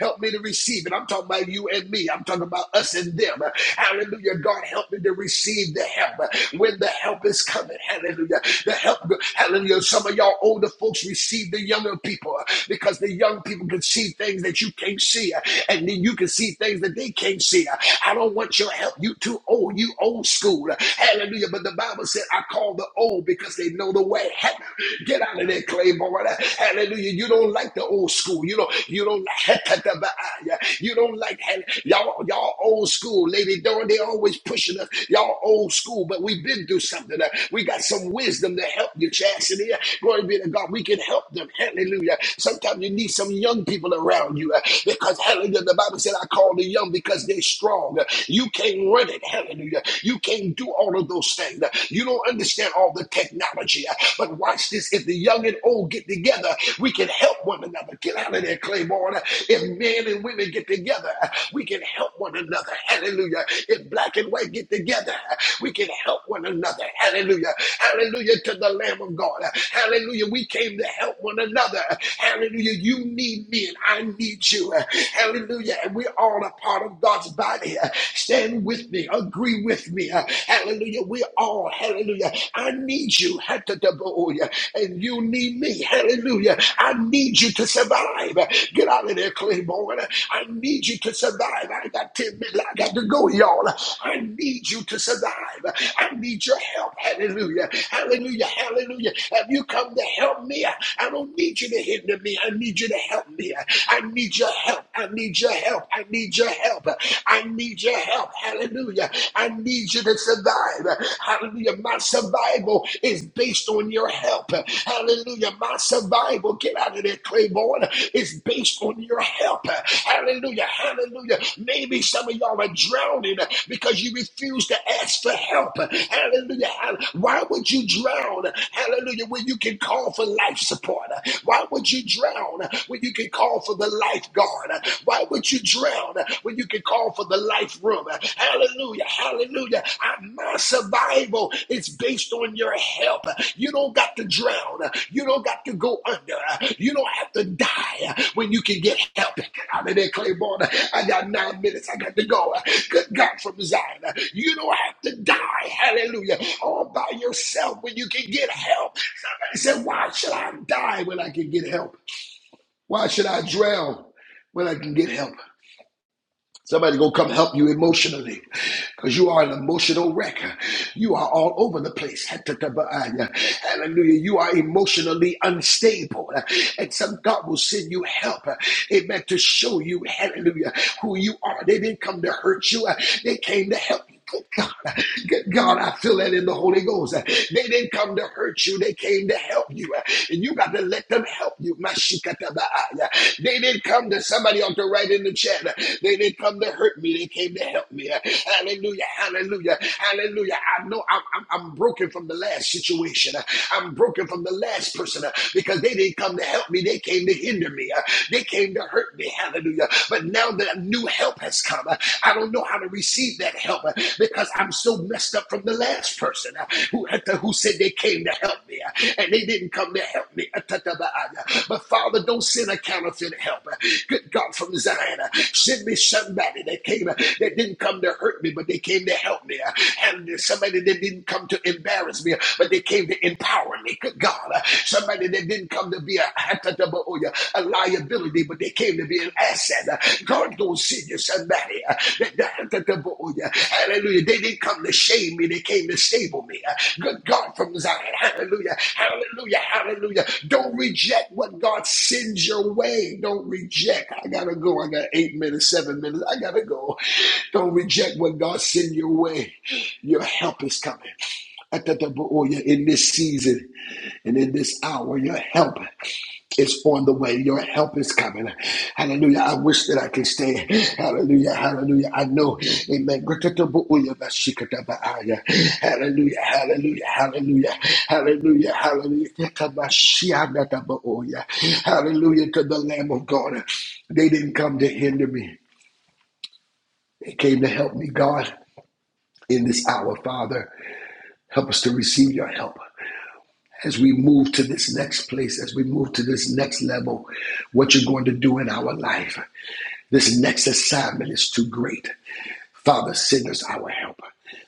[SPEAKER 1] help me to receive it. I'm talking about you and me. I'm talking about us and them. Hallelujah. God help me to receive the help when the help is coming. Hallelujah. The help. Hallelujah. Some of y'all older folks receive the younger people because the young people can see things that you you can't see, uh, and then you can see things that they can't see. Uh, I don't want your help. You too old. You old school. Uh, Hallelujah. But the Bible said, I call the old because they know the way. Get out of there, Claymore. Uh, Hallelujah. You don't like the old school. You don't. You don't like. You don't like y'all. Y'all old school, Lady Dawn. They always pushing us. Y'all old school, but we've been through something. Uh, We got some wisdom to help you, Chastity. Glory be to God. We can help them. Hallelujah. Sometimes you need some young people around around you. Because hallelujah, the Bible said, I call the young because they're strong. You can't run it, hallelujah. You can't do all of those things. You don't understand all the technology. But watch this. If the young and old get together, we can help one another. Get out of there, Claiborne. If men and women get together, we can help one another. Hallelujah. If black and white get together, we can help one another. Hallelujah. Hallelujah to the Lamb of God. Hallelujah. We came to help one another. Hallelujah. You need me me and I need you. Hallelujah. And we all are part of God's body. Stand with me. Agree with me. Hallelujah. We all, hallelujah. I need you. Hatataboya. And you need me. Hallelujah. I need you to survive. Get out of there, Claiborne. I need you to survive. I got 10 minutes. I got to go, y'all. I need you to survive. I need your help. Hallelujah. Hallelujah. Hallelujah. Have you come to help me? I don't need you to hinder me. I need you to help me. I need your help. I need your help. I need your help. I need your help. Hallelujah. I need you to survive. Hallelujah. My survival is based on your help. Hallelujah. My survival, get out of there, Claiborne, is based on your help. Hallelujah. Hallelujah. Maybe some of y'all are drowning because you refuse to ask for help. Hallelujah. Why would you drown? Hallelujah. When you can call for life support. Why would you drown? drown when you can call for the lifeguard? Why would you drown when you can call for the life room? Hallelujah, hallelujah. I- My survival is based on your help. You don't got to drown. You don't got to go under. You don't have to die when you can get help. Get out of there, Claiborne. I got nine minutes. I got to go. Good God from Zion. You don't have to die. Hallelujah. All by yourself when you can get help. Somebody said, Why should I die when I can get help? Why should I drown when I can get help? Somebody gonna come help you emotionally, cause you are an emotional wreck. You are all over the place. Hallelujah! Hallelujah. You are emotionally unstable, and some God will send you help. Amen. To show you, Hallelujah, who you are. They didn't come to hurt you. They came to help you. Good God. Good God, I feel that in the Holy Ghost. They didn't come to hurt you, they came to help you. And you got to let them help you. Mashikatabaaya. They didn't come to somebody ought to write in the chat. They didn't come to hurt me, they came to help me. Hallelujah, hallelujah, hallelujah. I know I'm, I'm, I'm broken from the last situation. I'm broken from the last person because they didn't come to help me, they came to hinder me. They came to hurt me. Hallelujah. But now that new help has come, I don't know how to receive that help because I'm so messed up from the last person who, who said they came to help me and they didn't come to help me. But Father, don't send a counterfeit help. Good God from Zion, send me somebody that came that didn't come to hurt me, but they came to help me. And somebody that didn't come to embarrass me, but they came to empower me. Good God, somebody that didn't didn't come to be a, a liability, but they came to be an asset. God gonna send you somebody. Hallelujah. They didn't come to shame me, they came to stable me. Good God from Zion. Hallelujah. Hallelujah. Hallelujah. Don't reject what God sends your way. Don't reject. I gotta go. I got eight minutes, seven minutes. I gotta go. Don't reject what God sends your way. Your help is coming. Atataboya, in this season. And in this hour, your help is on the way. Your help is coming. Hallelujah. I wish that I could stay. Hallelujah. Hallelujah. I know. Amen. Hallelujah. Hallelujah. Hallelujah. Hallelujah. Hallelujah. Hallelujah to the Lamb of God. They didn't come to hinder me. They came to help me, God, in this hour, Father. Help us to receive your help. as we move to this next place, as we move to this next level, what you're going to do in our life. This next assignment is too great. Father, send us our helper.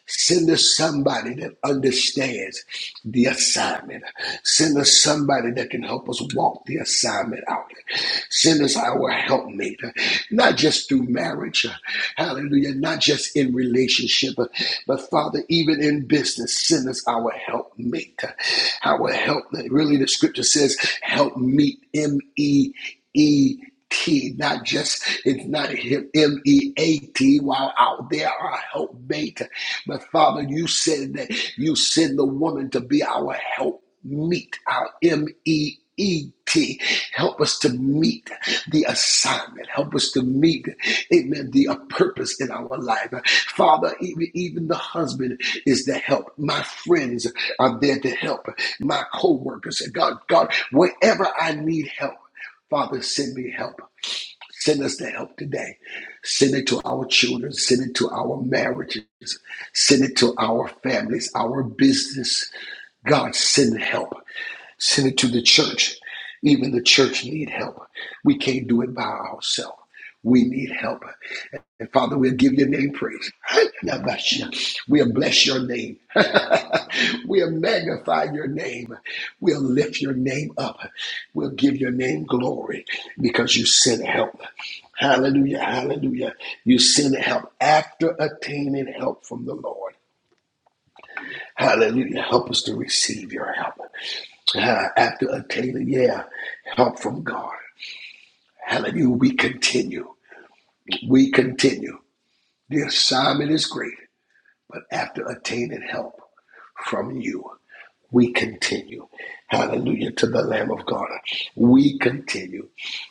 [SPEAKER 1] Send us somebody that understands the assignment. Send us somebody that can help us walk the assignment out. Send us our helpmate, not just through marriage, hallelujah, not just in relationship, but Father, even in business, send us our helpmate. Our help, really, the scripture says, help meet, M E E. T, not just it's not M E A T. While out there, our helpmate, but Father, you said that you send the woman to be our help meet, our M E A T. E T. Help us to meet the assignment. Help us to meet, amen, the uh, purpose in our life. Father, even, even the husband is to help. My friends are there to help. My co workers, God, God, wherever I need help. Father, send me help. Send us the help today. Send it to our children. Send it to our marriages. Send it to our families, our business. God, send help. Send it to the church. Even the church need help. We can't do it by ourselves. We need help. And Father, we'll give your name praise. We'll bless your name. we'll magnify your name. We'll lift your name up. We'll give your name glory because you sent help. Hallelujah, hallelujah. You sent help after attaining help from the Lord. Hallelujah. Help us to receive your help. Uh, after obtaining, yeah, help from God. Hallelujah. We continue. We continue. The assignment is great, but after attaining help from you, we continue. Hallelujah to the Lamb of God. We continue.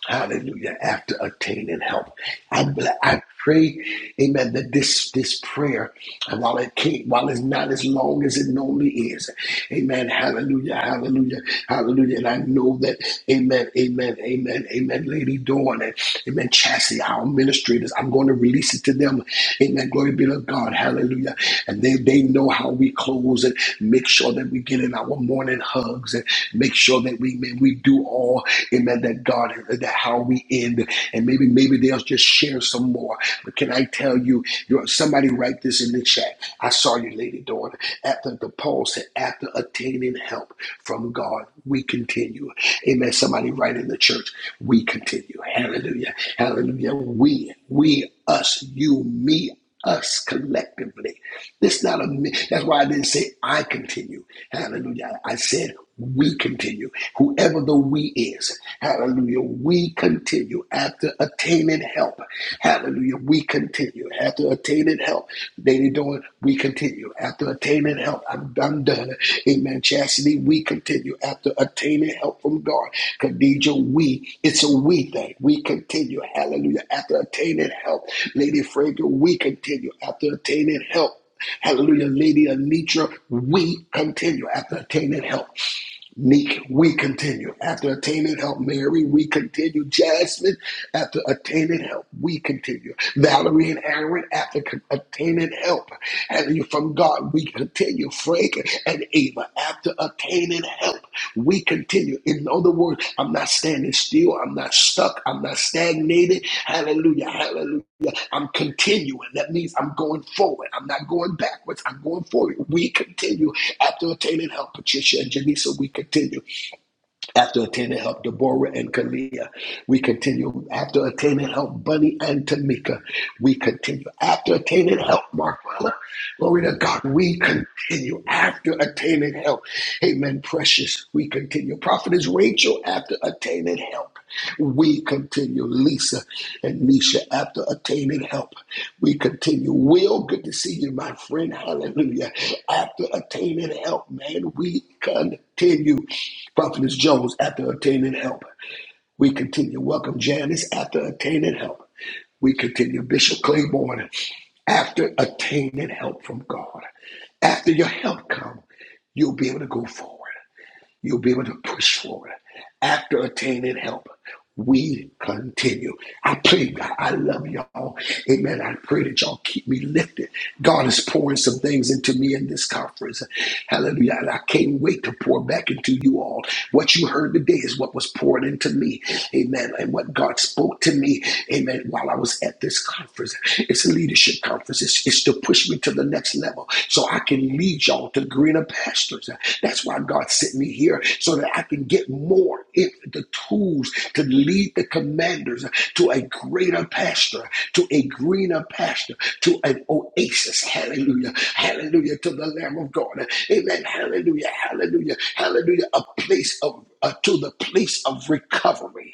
[SPEAKER 1] Hallelujah. After obtaining help. I, I pray, amen, that this, this prayer, while it can't, while it's not as long as it normally is, amen, hallelujah, hallelujah, hallelujah. And I know that, amen, amen, amen, amen, Lady Dawn and, amen, Chassie, our administrators, I'm going to release it to them, amen, glory be to God, hallelujah. And they, they know how we close and make sure that we get in our morning hugs and make sure that we, man, we do all Amen. That God, that how we end, and maybe maybe they'll just share some more. But can I tell you, somebody write this in the chat. I saw you, lady daughter. After the Paul said, after attaining help from God, we continue. Amen. Somebody write in the church, we continue. Hallelujah. Hallelujah. We, we, us, you, me us collectively. It's not a me. That's why I didn't say I continue. Hallelujah. I said we continue. Whoever the we is, hallelujah, we continue after attaining help. Hallelujah. We continue after attaining help. Lady doing, we continue after attaining attaining help. I'm, I'm done. Amen. Chastity, we continue after attaining help from God. Khadija, we, it's a we thing. We continue. Hallelujah. After attaining help. Lady Frager, we continue after attaining help. Hallelujah, Lady Anitra, we continue after attaining help. Neek, we continue. After attaining help, Mary, we continue. Jasmine, after attaining help, we continue. Valerie and Aaron, after attaining help, having you from God, we continue. Frank and Ava, after attaining help, we continue. In other words, I'm not standing still. I'm not stuck. I'm not stagnated. Hallelujah. Hallelujah. Yeah, I'm continuing. That means I'm going forward. I'm not going backwards. I'm going forward. We continue after attaining help. Patricia and Janisa, we continue after attaining help. Deborah and Kalia, we continue after attaining help. Bunny and Tamika, we continue after attaining help. Marquella, glory to God, we continue after attaining help. Amen. Precious, we continue. Prophet is Rachel after attaining help. We continue, Lisa and Nisha, after attaining help. We continue. Will, good to see you, my friend. Hallelujah. After attaining help, man, we continue. Prophetess Jones, after attaining help. We continue. Welcome, Janice, after attaining help. We continue. Bishop Claiborne, after attaining help from God. After your help comes, you'll be able to go forward. You'll be able to push forward. After attaining help, we continue. I pray, God, I love y'all. Amen. I pray that y'all keep me lifted. God is pouring some things into me in this conference. Hallelujah. And I can't wait to pour back into you all. What you heard today is what was poured into me. Amen. And what God spoke to me, amen, while I was at this conference. It's a leadership conference. It's, it's to push me to the next level so I can lead y'all to greener pastures. That's why God sent me here so that I can get more if the tools to lead the commanders to a greater pasture, to a greener pasture, to an oasis. Hallelujah. Hallelujah to the Lamb of God. Amen. Hallelujah. Hallelujah. Hallelujah. A place of uh, to the place of recovery.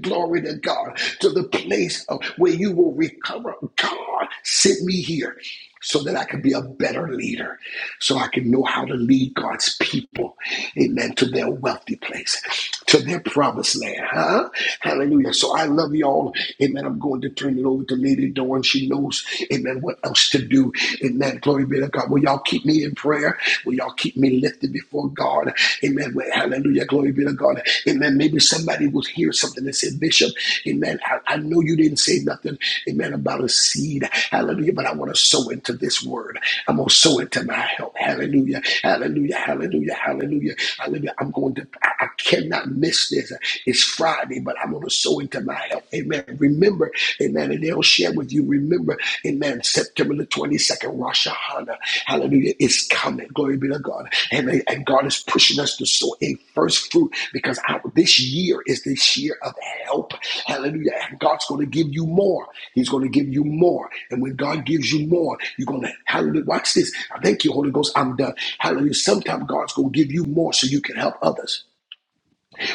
[SPEAKER 1] Glory to God. To the place of where you will recover. God sent me here so that I can be a better leader, so I can know how to lead God's people, amen, to their wealthy place, to their promised land, huh? Hallelujah. So I love y'all, amen. I'm going to turn it over to Lady Dawn. She knows, amen, what else to do, amen. Glory be to God. Will y'all keep me in prayer? Will y'all? people. Y'all keep me lifted before God. Amen. Well, hallelujah. Glory be to God. Amen. Maybe somebody will hear something and say, Bishop, amen. I, I know you didn't say nothing, amen, about a seed. Hallelujah. But I want to sow into this word. I'm going to sow into my help. Hallelujah. Hallelujah. Hallelujah. Hallelujah. Hallelujah. I'm going to, I, I cannot miss this. It's Friday, but I'm going to sow into my help. Amen. Remember, amen. and I'll share with you. Remember, amen, September the 22nd, Rosh Hashanah. Hallelujah. is coming. Glory be to God. Amen. And God is pushing us to sow a first fruit because our, this year is this year of help. Hallelujah. And God's going to give you more. He's going to give you more. And when God gives you more, you're going to, hallelujah. Watch this. Thank you, Holy Ghost. I'm done. Hallelujah. Sometimes God's going to give you more so you can help others.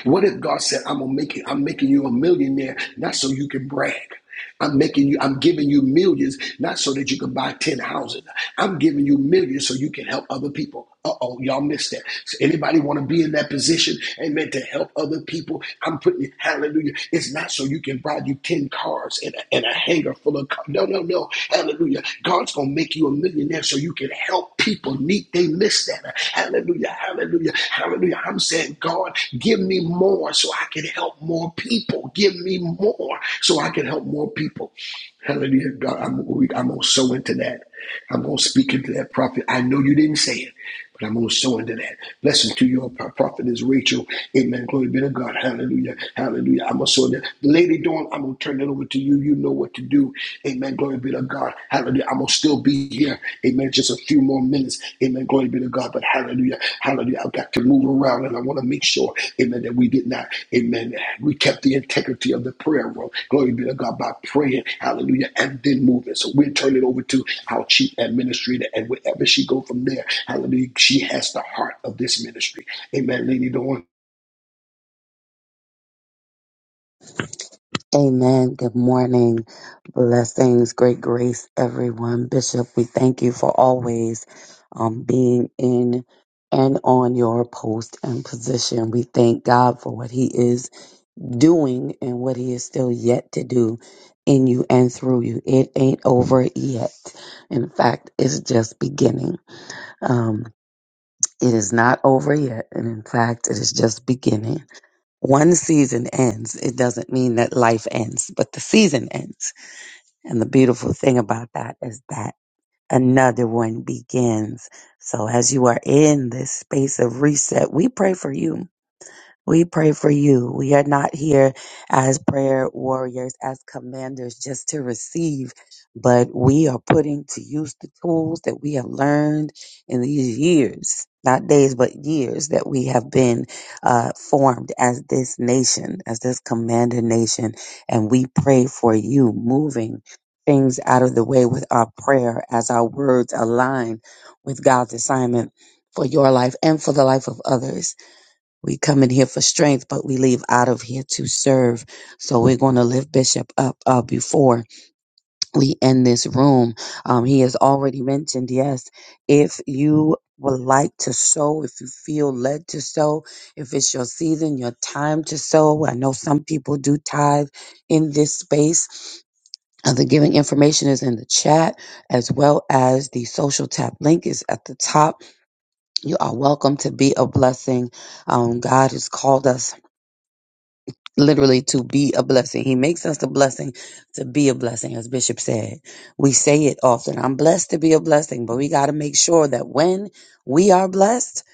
[SPEAKER 1] What if God said, I'm gonna make it, I'm making you a millionaire, not so you can brag. I'm making you, I'm giving you millions, not so that you can buy 10 houses. I'm giving you millions so you can help other people. Uh-oh, y'all missed that. So anybody want to be in that position? Amen. To help other people. I'm putting it, hallelujah. It's not so you can buy you 10 cars and a, and a hangar full of cars. No, no, no. Hallelujah. God's gonna make you a millionaire so you can help people need they miss that. Hallelujah. Hallelujah. Hallelujah. I'm saying, God, give me more so I can help more people. Give me more so I can help more people. Hallelujah. God, I'm, I'm going to sow into that. I'm going to speak into that prophet. I know you didn't say it, but I'm going to sow into that. Blessing to your prophet is Rachel. Amen. Glory be to God. Hallelujah. Hallelujah. I'm going to sow into that. Lady Dawn, I'm going to turn it over to you. You know what to do. Amen. Glory be to God. Hallelujah. I'm going to still be here. Amen. Just a few more minutes. Amen. Glory be to God. But hallelujah. Hallelujah. I've got to move around and I want to make sure, amen, that we did not, amen, we kept the integrity of the prayer room. Glory be to God by praying. Hallelujah. And then moving. So we'll turn it over to our chief administrator and wherever she go from there. Hallelujah. She has the heart of this ministry. Amen, Lady Dawn.
[SPEAKER 2] Amen. Good morning. Blessings, great grace, everyone. Bishop, we thank you for always um, being in and on your post and position. We thank God for what He is doing and what He is still yet to do in you and through you. It ain't over yet. In fact, it's just beginning. Um, it is not over yet. And in fact, it is just beginning. One season ends. It doesn't mean that life ends, but the season ends. And the beautiful thing about that is that another one begins. So as you are in this space of reset, we pray for you. We pray for you. We are not here as prayer warriors, as commanders, just to receive, but we are putting to use the tools that we have learned in these years, not days, but years that we have been uh, formed as this nation, as this commander nation. And we pray for you moving things out of the way with our prayer as our words align with God's assignment for your life and for the life of others. We come in here for strength, but we leave out of here to serve. So we're going to lift Bishop up uh, before we end this room. Um, he has already mentioned, yes, if you would like to sow, if you feel led to sow, if it's your season, your time to sow. I know some people do tithe in this space. Uh, the giving information is in the chat as well as the social tap link is at the top. You are welcome to be a blessing. Um, God has called us literally to be a blessing. He makes us a blessing to be a blessing, as Bishop said. We say it often I'm blessed to be a blessing, but we got to make sure that when we are blessed,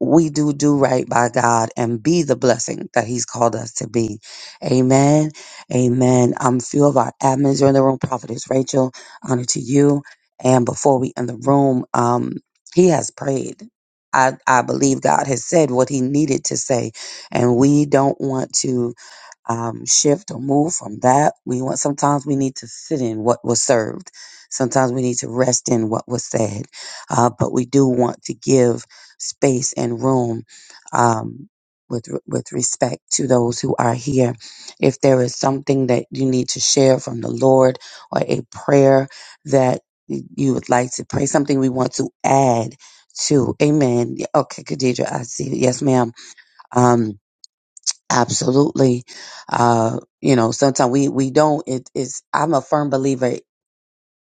[SPEAKER 2] we do do right by God and be the blessing that He's called us to be. Amen. Amen. Um, few of our admins are in the room. Prophetess Rachel, honor to you. And before we end the room, um, he has prayed. I, I believe God has said what he needed to say, and we don't want to um, shift or move from that. We want sometimes we need to sit in what was served. Sometimes we need to rest in what was said. Uh, but we do want to give space and room um, with with respect to those who are here. If there is something that you need to share from the Lord or a prayer that you would like to pray, something we want to add to. Amen. Yeah, Okay, Khadija, I see. Yes, ma'am. Um, absolutely uh you know sometimes we we don't it is i'm a firm believer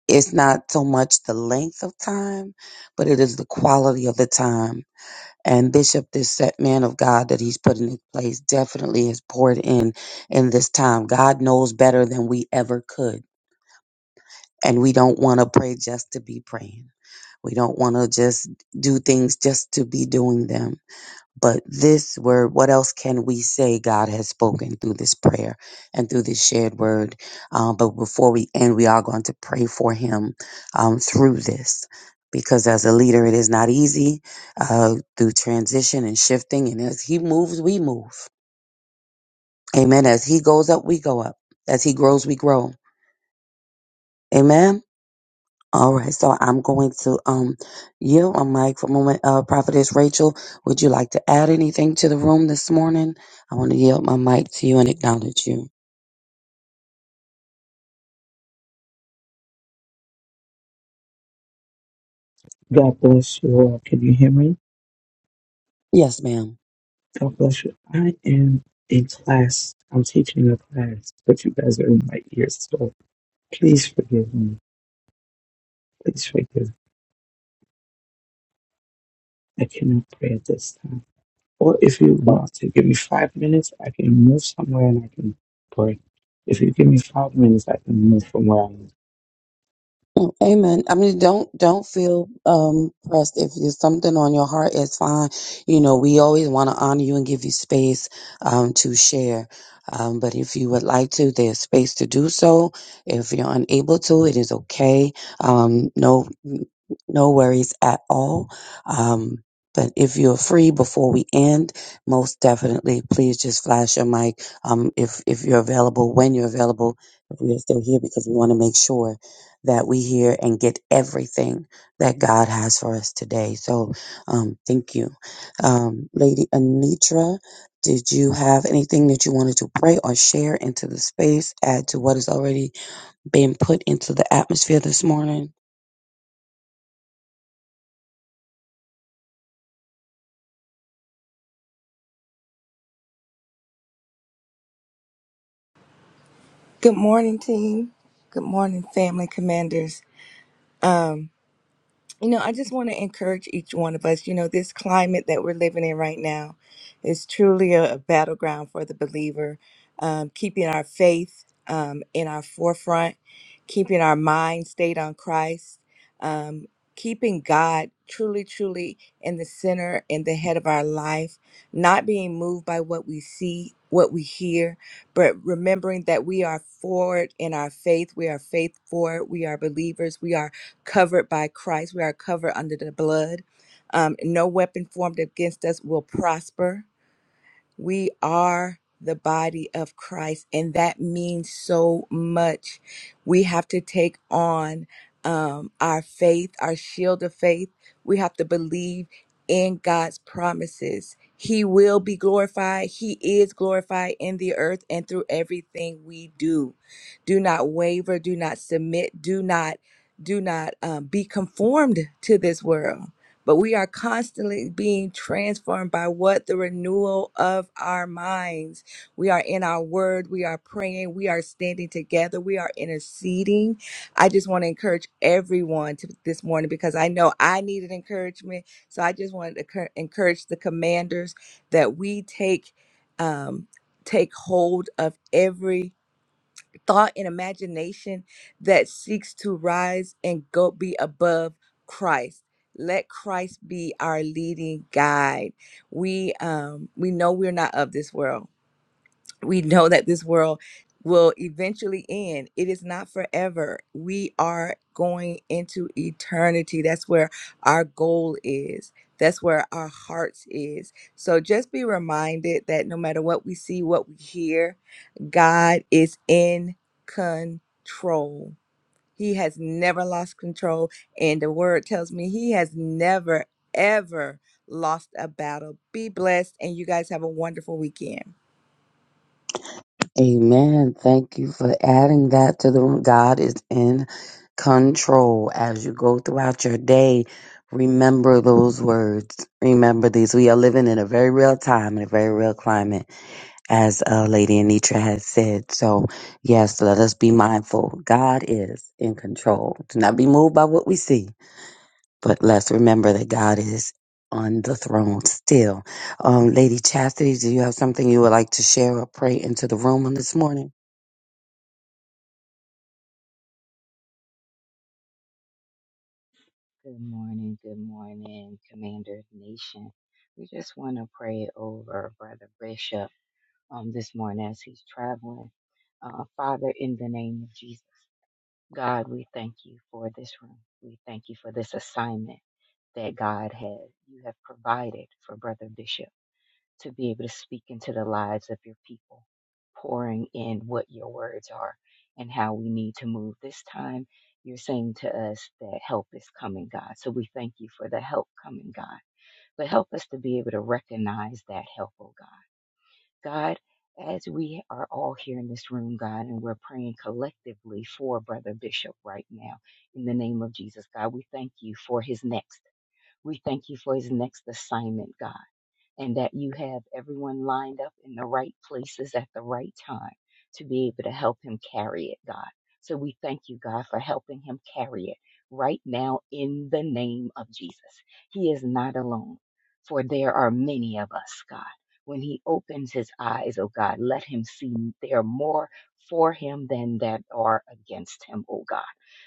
[SPEAKER 2] it's not so much the length of time but it is the quality of the time and bishop this set man of god that he's put in his place definitely has poured in in this time god knows better than we ever could and we don't want to pray just to be praying we don't want to just do things just to be doing them but this word, what else can we say God has spoken through this prayer and through this shared word? Um, but before we end, we are going to pray for him um, through this. Because as a leader, it is not easy uh, through transition and shifting. And as he moves, we move. Amen. As he goes up, we go up. As he grows, we grow. Amen. All right, so I'm going to um yield my mic for a moment. Uh, Prophetess Rachel, would you like to add anything to the room this morning? I want to yield my mic to you and acknowledge you.
[SPEAKER 3] God bless you all. Can you hear me?
[SPEAKER 2] Yes, ma'am.
[SPEAKER 3] God bless you. I am in class. I'm teaching a class, but you guys are in my ears, so please forgive me. Please forgive. I cannot pray at this time. Or if you want to give me five minutes, I can move somewhere and I can pray. If you give me five minutes, I can move from where I am.
[SPEAKER 2] Mm, Amen. I mean, don't don't feel um pressed. If there's something on your heart, it's fine. You know, we always want to honor you and give you space um to share. Um, but if you would like to, there's space to do so. If you're unable to, it is okay. Um, no no worries at all. Um, but if you're free before we end, most definitely, please just flash your mic. Um, if if you're available, when you're available, if we are still here, because we want to make sure that we hear and get everything that God has for us today. So, um, thank you. Um, Lady Anitra, did you have anything that you wanted to pray or share into the space, add to what has already been put into the atmosphere this morning?
[SPEAKER 4] Good morning, team. Good morning, family commanders. Um, you know, I just want to encourage each one of us. You know, this climate that we're living in right now is truly a, a battleground for the believer. Um, keeping our faith um, in our forefront, keeping our mind stayed on Christ, um, keeping God truly, truly in the center and the head of our life, not being moved by what we see, what we hear, but remembering that we are forward in our faith. We are faith forward. We are believers. We are covered by Christ. We are covered under the blood. Um, no weapon formed against us will prosper. We are the body of Christ, and that means so much. We have to take on um, our faith, our shield of faith. We have to believe in God's promises. He will be glorified. He is glorified in the earth and through everything we do. Do not waver. Do not submit. Do not do not um, be conformed to this world but we are constantly being transformed by what the renewal of our minds. We are in our word, we are praying, we are standing together, we are interceding. I just want to encourage everyone to, this morning because I know I needed encouragement. So I just wanted to cur- encourage the commanders that we take um, take hold of every thought and imagination that seeks to rise and go be above Christ. Let Christ be our leading guide. We um we know we're not of this world. We know that this world will eventually end. It is not forever. We are going into eternity. That's where our goal is. That's where our hearts is. So just be reminded that no matter what we see, what we hear, God is in control. He has never lost control. And the word tells me he has never, ever lost a battle. Be blessed. And you guys have a wonderful weekend.
[SPEAKER 2] Amen. Thank you for adding that to the room. God is in control as you go throughout your day. Remember those words. Remember these. We are living in a very real time, in a very real climate as uh, Lady Anitra has said. So, yes, let us be mindful. God is in control. Do not be moved by what we see, but let's remember that God is on the throne still. Um, Lady Chastity, do you have something you would like to share or pray into the room on this morning?
[SPEAKER 5] Good morning, good morning, Commander Nation. We just want to pray over Brother Bishop um, this morning as he's traveling. Uh, Father, in the name of Jesus, God, we thank you for this room. We thank you for this assignment that God has you have provided for Brother Bishop to be able to speak into the lives of your people, pouring in what your words are and how we need to move. This time, you're saying to us that help is coming, God. So we thank you for the help coming, God. But help us to be able to recognize that help, oh God. God, as we are all here in this room, God, and we're praying collectively for Brother Bishop right now, in the name of Jesus, God, we thank you for his next. We thank you for his next assignment, God and that you have everyone lined up in the right places at the right time to be able to help him carry it, God. So we thank you, God, for helping him carry it right now in the name of Jesus. He is not alone, for there are many of us, God. When he opens his eyes, oh God, let him see there are more for him than that are against him, oh God.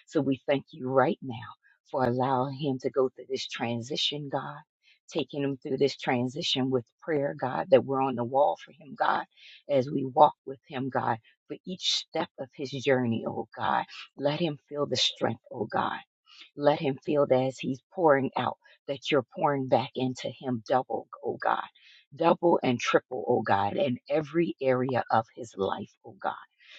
[SPEAKER 5] So we thank you right now for allowing him to go through this transition, God taking him through this transition with prayer, God, that we're on the wall for him, God, as we walk with him, God, for each step of his journey, oh God. Let him feel the strength, oh God. Let him feel that as he's pouring out, that you're pouring back into him double, oh God, double and triple, oh God, in every area of his life, oh God.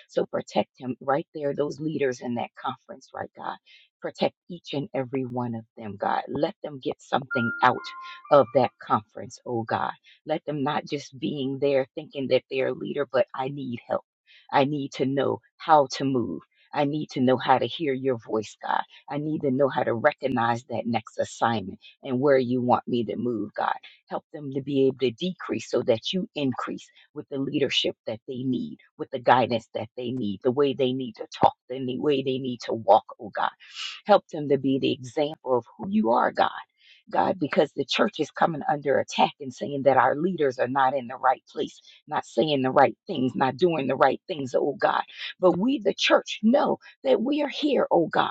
[SPEAKER 5] So protect him right there, those leaders in that conference, right, God. Protect each and every one of them, God. Let them get something out of that conference, oh God. Let them not just being there thinking that they're a leader, but I need help. I need to know how to move. I need to know how to hear your voice, God. I need to know how to recognize that next assignment and where you want me to move, God. Help them to be able to decrease so that you increase with the leadership that they need, with the guidance that they need, the way they need to talk, the ne- way they need to walk, oh God. Help them to be the example of who you are, God God, because the church is coming under attack and saying that our leaders are not in the right place, not saying the right things, not doing the right things, oh God. But we, the church, know that we are here, oh God.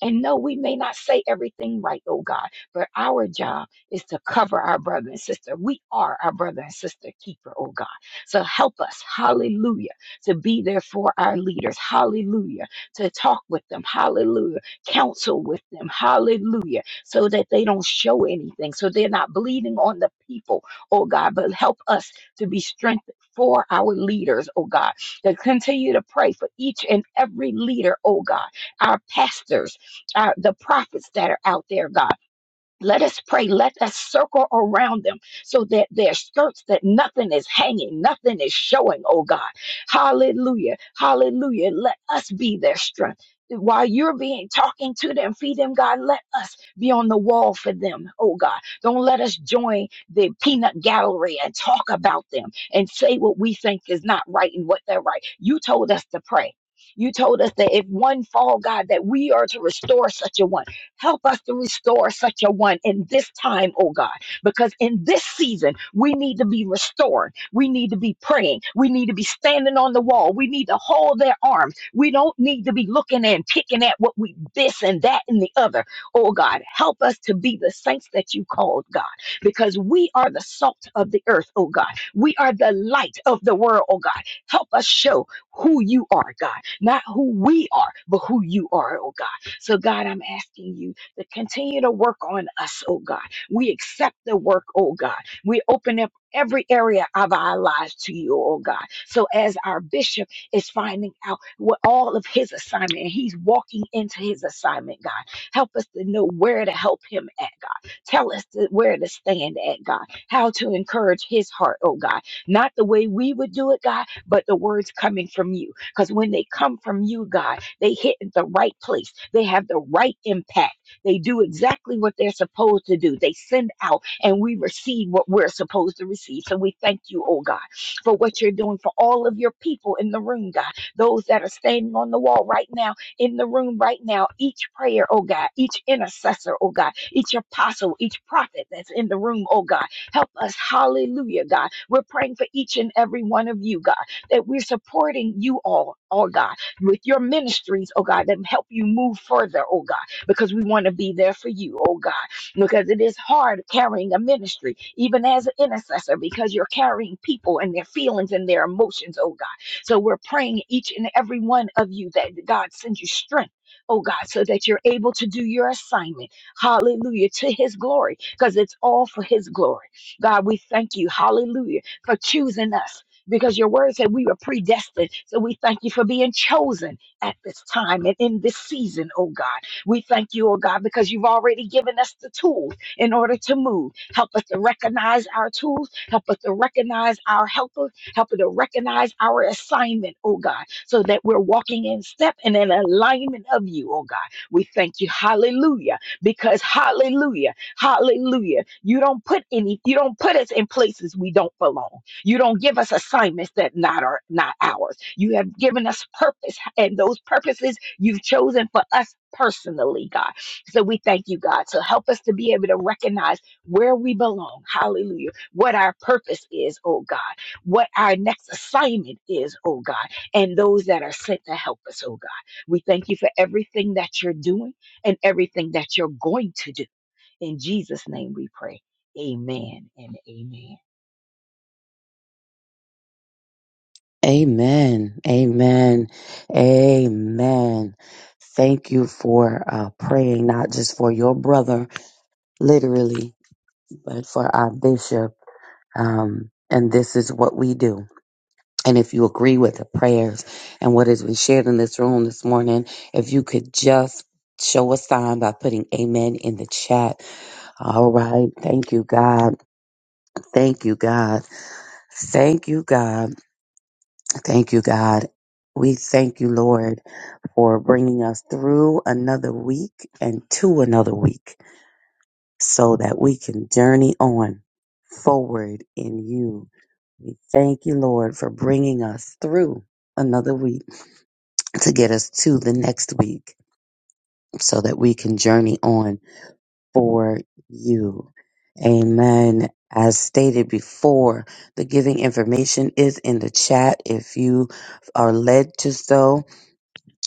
[SPEAKER 5] And no, we may not say everything right, oh God, but our job is to cover our brother and sister. We are our brother and sister keeper, oh God. So help us, hallelujah, to be there for our leaders, hallelujah, to talk with them, hallelujah, counsel with them, hallelujah so that they don't show anything, so they're not bleeding on the people, oh God, but help us to be strengthened for our leaders, oh God, to continue to pray for each and every leader, oh God, our pastors, our, the prophets that are out there, God. Let us pray. Let us circle around them so that their skirts, that nothing is hanging, nothing is showing, oh God. Hallelujah. Hallelujah. Let us be their strength. While you're being talking to them, feed them, God, let us be on the wall for them, oh God. Don't let us join the peanut gallery and talk about them and say what we think is not right and what they're right. You told us to pray. You told us that if one fall, God, that we are to restore such a one. Help us to restore such a one in this time, oh God, because in this season, we need to be restored. We need to be praying. We need to be standing on the wall. We need to hold their arms. We don't need to be looking and picking at what we this and that and the other. Oh God, help us to be the saints that you called, God, because we are the salt of the earth, oh God. We are the light of the world, oh God. Help us show who you are, God, not who we are, but who you are, oh God. So, God, I'm asking you to continue to work on us, oh God. We accept the work, oh God. We open up every area of our lives to you, oh God. So, as our bishop is finding out what all of his assignment, and he's walking into his assignment, God, help us to know where to help him at, God. Tell us to, where to stand at, God. How to encourage his heart, oh God. Not the way we would do it, God, but the words coming from you. Because when they come from you, God, they hit the right place. They have the right impact. They do exactly what they're supposed to do. They send out and we receive what we're supposed to receive. So we thank you, oh God, for what you're doing for all of your people in the room, God. Those that are standing on the wall right now, in the room right now, each prayer, oh God, each intercessor, oh God, each apostle, each prophet that's in the room, oh God. Help us, hallelujah, God. We're praying for each and every one of you, God, that we're supporting you all, oh God with your ministries, oh God, that help you move further, oh God, because we want to be there for you, oh God, because it is hard carrying a ministry, even as an intercessor, because you're carrying people and their feelings and their emotions, oh God. So we're praying each and every one of you that God sends you strength. Oh God, so that you're able to do your assignment. Hallelujah. To his glory, because it's all for his glory. God, we thank you. Hallelujah. For choosing us because your word said we were predestined. So we thank you for being chosen at this time and in this season, oh God. We thank you, oh God, because you've already given us the tools in order to move. Help us to recognize our tools, help us to recognize our helpers, help us to recognize our assignment, oh God, so that we're walking in step and in alignment of you, oh God. We thank you, hallelujah, because hallelujah, hallelujah, you don't put any, you don't put us in places we don't belong. You don't give us assignments that not are not ours. You have given us purpose, and those purposes you've chosen for us personally, God. So we thank you, God. So help us to be able to recognize where we belong. Hallelujah. What our purpose is, oh God. What our next assignment is, oh God. And those that are sent to help us, oh God. We thank you for everything that you're doing and everything that you're going to do. In Jesus' name we pray. Amen and amen.
[SPEAKER 2] Amen. Amen. Amen. Thank you for uh, praying, not just for your brother, literally, but for our bishop. Um, and this is what we do. And if you agree with the prayers and what has been shared in this room this morning, if you could just show a sign by putting amen in the chat. All right. Thank you, God. Thank you, God. Thank you, God. Thank you, God. We thank you, Lord, for bringing us through another week and to another week so that we can journey on forward in you. We thank you, Lord, for bringing us through another week to get us to the next week so that we can journey on for you. Amen. As stated before, the giving information is in the chat if you are led to so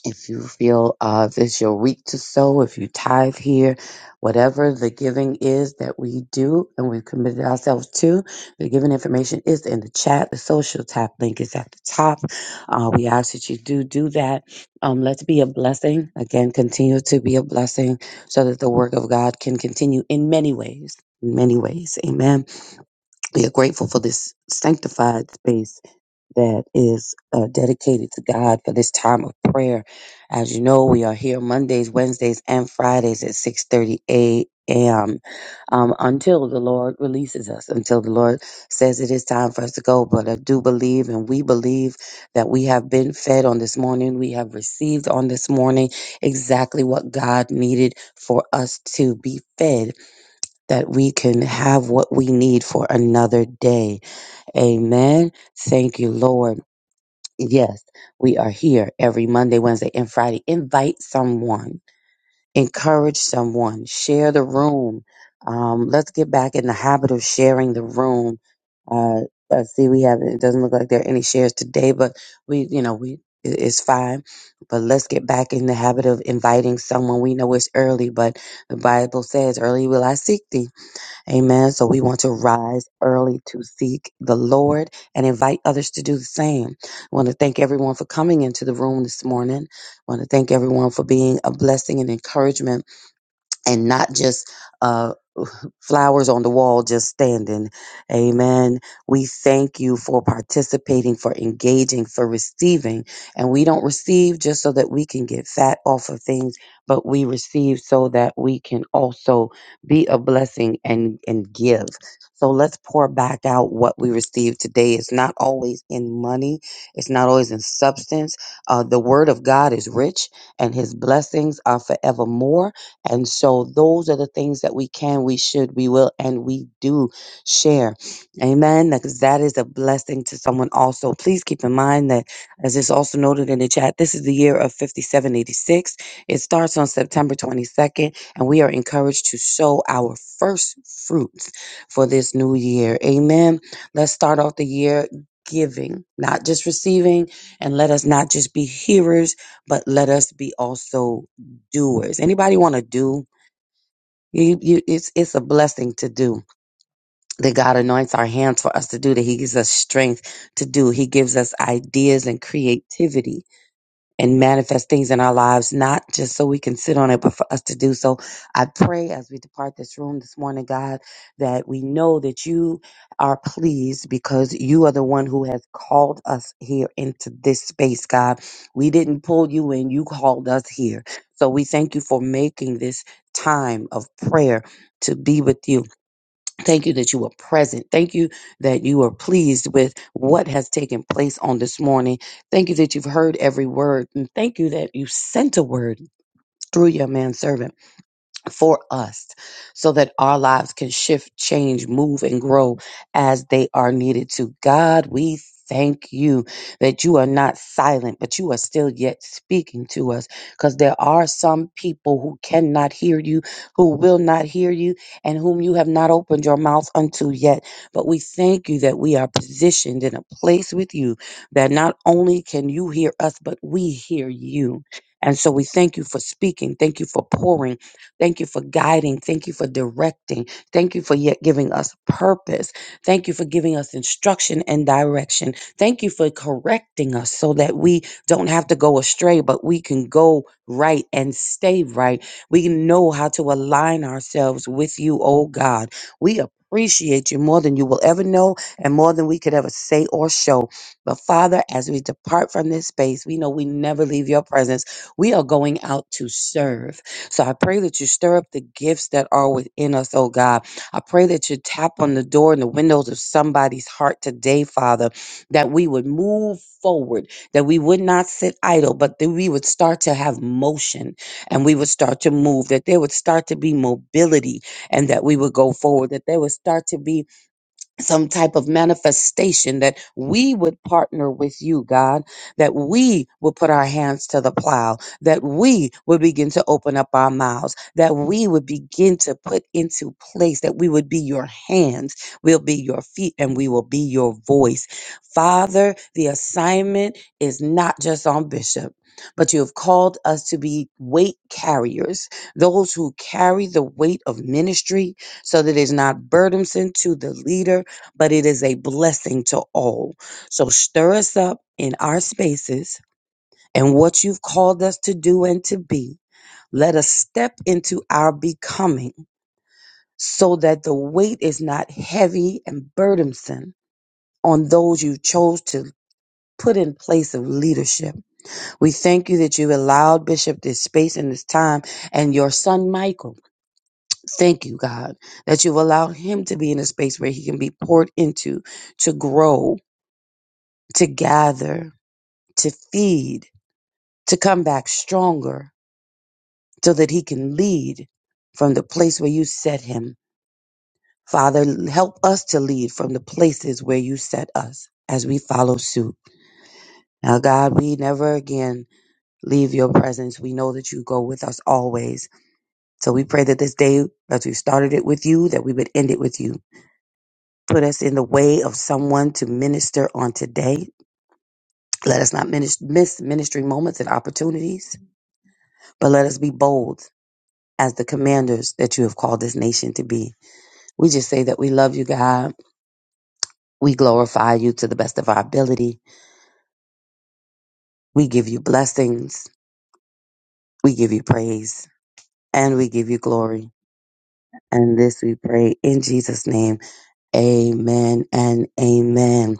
[SPEAKER 2] if you feel uh, this your week to sow, if you tithe here, whatever the giving is that we do and we've committed ourselves to, the giving information is in the chat. The social tap link is at the top. Uh, we ask that you do do that. Um, let's be a blessing. Again, continue to be a blessing so that the work of God can continue in many ways. In many ways. Amen. We are grateful for this sanctified space that is uh, dedicated to God for this time of prayer. As you know, we are here Mondays, Wednesdays, and Fridays at 6:30 a.m. Um, until the Lord releases us, until the Lord says it is time for us to go. But I do believe, and we believe that we have been fed on this morning. We have received on this morning exactly what God needed for us to be fed, that we can have what we need for another day. Amen. Thank you, Lord. Yes, we are here every Monday, Wednesday, and Friday. Invite someone, encourage someone, share the room. Um, let's get back in the habit of sharing the room. Uh, I see we have it doesn't look like there are any shares today, but we, you know, we it- it's fine. But let's get back in the habit of inviting someone. We know it's early, but the Bible says, "Early will I seek thee." Amen. So we want to rise early to seek the Lord and invite others to do the same. I want to thank everyone for coming into the room this morning. I want to thank everyone for being a blessing and encouragement and not just uh, flowers on the wall just standing. Amen. We thank you for participating, for engaging, for receiving. And we don't receive just so that we can get fat off of things, but we receive so that we can also be a blessing and, and give. So let's pour back out what we received today. It's not always in money, it's not always in substance. Uh, the word of God is rich and his blessings are forevermore. And so those are the things that we can, we should, we will, and we do share. Amen. Because that is a blessing to someone also. Please keep in mind that, as is also noted in the chat, this is the year of 5786. It starts on September 22nd, and we are encouraged to sow our first fruits for this new year. Amen. Let's start off the year giving, not just receiving, and let us not just be hearers, but let us be also doers. Anybody want to do? You, you, it's it's a blessing to do that God anoints our hands for us to do that. He gives us strength to do. He gives us ideas and creativity and manifest things in our lives, not just so we can sit on it, but for us to do so. I pray as we depart this room this morning, God, that we know that you are pleased because you are the one who has called us here into this space, God. We didn't pull you in, you called us here. So we thank you for making this time of prayer to be with you. Thank you that you were present. Thank you that you are pleased with what has taken place on this morning. Thank you that you've heard every word. And thank you that you sent a word through your manservant for us so that our lives can shift, change, move, and grow as they are needed to. God, we thank you that you are not silent, but you are still yet speaking to us because there are some people who cannot hear you, who will not hear you, and whom you have not opened your mouth unto yet. But we thank you that we are positioned in a place with you that not only can you hear us, but we hear you. And so we thank you for speaking. Thank you for pouring. Thank you for guiding. Thank you for directing. Thank you for yet giving us purpose. Thank you for giving us instruction and direction. Thank you for correcting us so that we don't have to go astray, but we can go right and stay right. We know how to align ourselves with you, oh God. We appreciate you more than you will ever know and more than we could ever say or show. But Father, as we depart from this space, we know we never leave your presence. We are going out to serve. So I pray that you stir up the gifts that are within us, oh God. I pray that you tap on the door and the windows of somebody's heart today, Father, that we would move forward, that we would not sit idle, but that we would start to have motion and we would start to move, that there would start to be mobility and that we would go forward, that there would start to be some type of manifestation that we would partner with you, God, that we would put our hands to the plow, that we would begin to open up our mouths, that we would begin to put into place, that we would be your hands, we'll be your feet, and we will be your voice. Father, the assignment is not just on Bishop. But you have called us to be weight carriers, those who carry the weight of ministry so that it's not burdensome to the leader, but it is a blessing to all. So stir us up in our spaces and what you've called us to do and to be. Let us step into our becoming so that the weight is not heavy and burdensome on those you chose to put in place of leadership. We thank you that you allowed Bishop this space and this time and your son Michael. Thank you, God, that you've allowed him to be in a space where he can be poured into to grow to gather, to feed, to come back stronger so that he can lead from the place where you set him. Father, help us to lead from the places where you set us as we follow suit. Now, God, we never again leave your presence. We know that you go with us always. So we pray that this day, as we started it with you, that we would end it with you. Put us in the way of someone to minister on today. Let us not minis- miss ministry moments and opportunities, but let us be bold as the commanders that you have called this nation to be. We just say that we love you, God. We glorify you to the best of our ability. We give you blessings. We give you praise and we give you glory. And this we pray in Jesus' name. Amen and amen.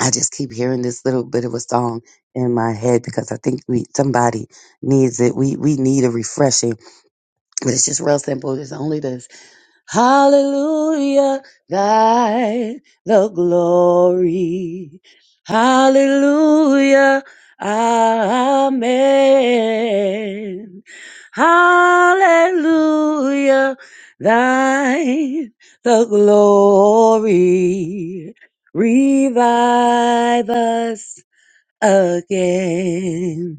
[SPEAKER 2] I just keep hearing this little bit of a song in my head because I think we somebody needs it. We we need a refreshing. But it's just real simple. It's only this. Hallelujah, thy the glory. Hallelujah, amen. Hallelujah, thy the glory. Revive us again.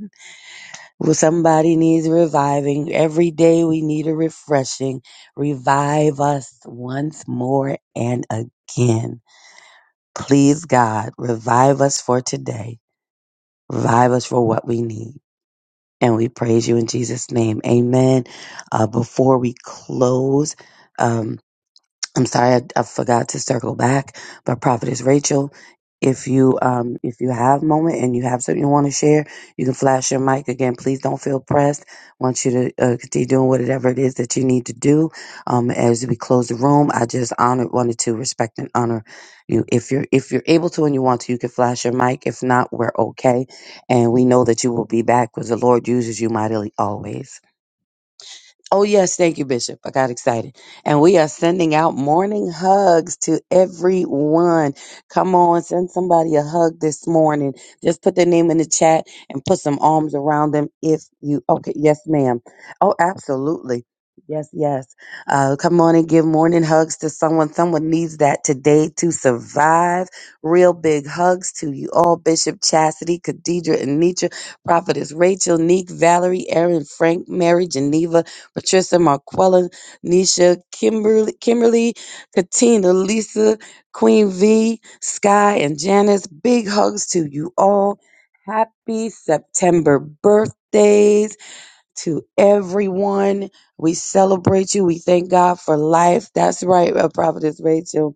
[SPEAKER 2] Well, somebody needs reviving. Every day we need a refreshing. Revive us once more and again. Please, God, revive us for today. Revive us for what we need. And we praise you in Jesus' name. Amen. Uh, before we close, um, I'm sorry, I, I forgot to circle back, but Prophetess Rachel, if you um if you have a moment and you have something you want to share, you can flash your mic again. Please don't feel pressed. want you to uh, continue doing whatever it is that you need to do. Um, as we close the room, I just honor wanted to respect and honor you. If you're if you're able to and you want to, you can flash your mic. If not, we're okay, and we know that you will be back because the Lord uses you mightily always. Oh, yes. Thank you, Bishop. I got excited. And we are sending out morning hugs to everyone. Come on, send somebody a hug this morning. Just put their name in the chat and put some arms around them if you. Okay. Yes, ma'am. Oh, absolutely. Yes, yes. Uh, come on and give morning hugs to someone. Someone needs that today to survive. Real big hugs to you all, Bishop Chastity, Khadidra, Anitra, Prophetess Rachel, Neek, Valerie, Aaron, Frank, Mary, Geneva, Patricia, Marquella, Nisha, Kimberly, Kimberly, Katina, Lisa, Queen V, Sky, and Janice. Big hugs to you all. Happy September birthdays to everyone. We celebrate you. We thank God for life. That's right, uh, Prophetess Rachel.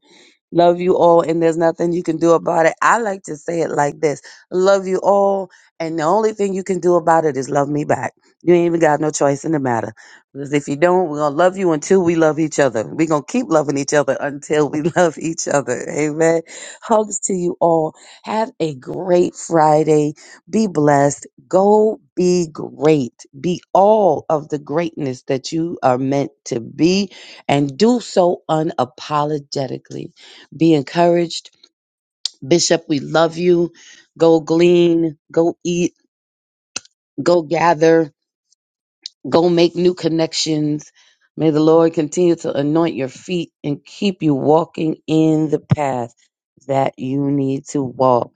[SPEAKER 2] Love you all, and there's nothing you can do about it. I like to say it like this Love you all, and the only thing you can do about it is love me back. You ain't even got no choice in the matter. Because if you don't, we're going to love you until we love each other. We're going to keep loving each other until we love each other. Amen. Hugs to you all. Have a great Friday. Be blessed. Go be great. Be all of the greatness that you are meant to be, and do so unapologetically. Be encouraged. Bishop, we love you. Go glean, go eat, go gather, go make new connections. May the Lord continue to anoint your feet and keep you walking in the path that you need to walk.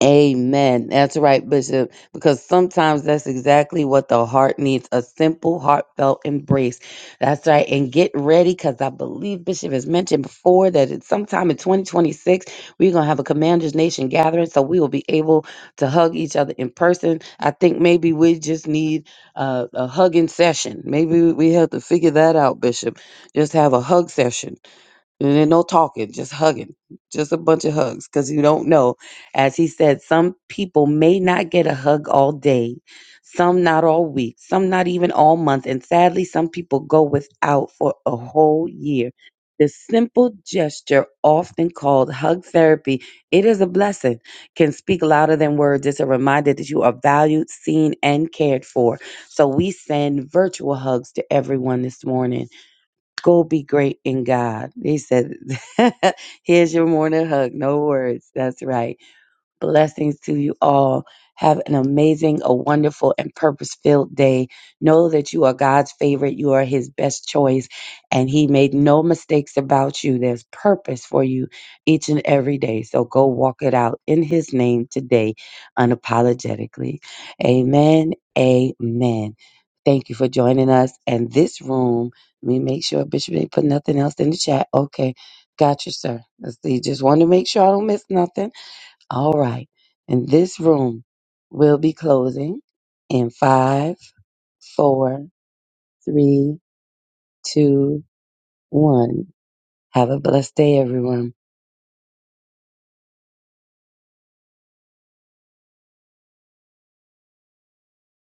[SPEAKER 2] Amen. That's right, Bishop. Because sometimes that's exactly what the heart needs a simple, heartfelt embrace. That's right. And get ready because I believe Bishop has mentioned before that it's sometime in 2026, we're going to have a Commanders Nation gathering. So we will be able to hug each other in person. I think maybe we just need uh, a hugging session. Maybe we have to figure that out, Bishop. Just have a hug session and then no talking, just hugging, just a bunch of hugs, because you don't know. As he said, some people may not get a hug all day, some not all week, some not even all month. And sadly, some people go without for a whole year. The simple gesture, often called hug therapy, it is a blessing, can speak louder than words. It's a reminder that you are valued, seen, and cared for. So we send virtual hugs to everyone this morning. Go be great in God. He said, Here's your morning hug. No words. That's right. Blessings to you all. Have an amazing, a wonderful, and purpose filled day. Know that you are God's favorite. You are His best choice, and He made no mistakes about you. There's purpose for you each and every day. So go walk it out in His name today, unapologetically. Amen. Amen. Thank you for joining us. And this room, let me make sure Bishop didn't put nothing else in the chat. Okay. Got you, sir. Let's see. Just want to make sure I don't miss nothing. All right. And this room will be closing in five, four, three, two, one. Have a blessed day, everyone.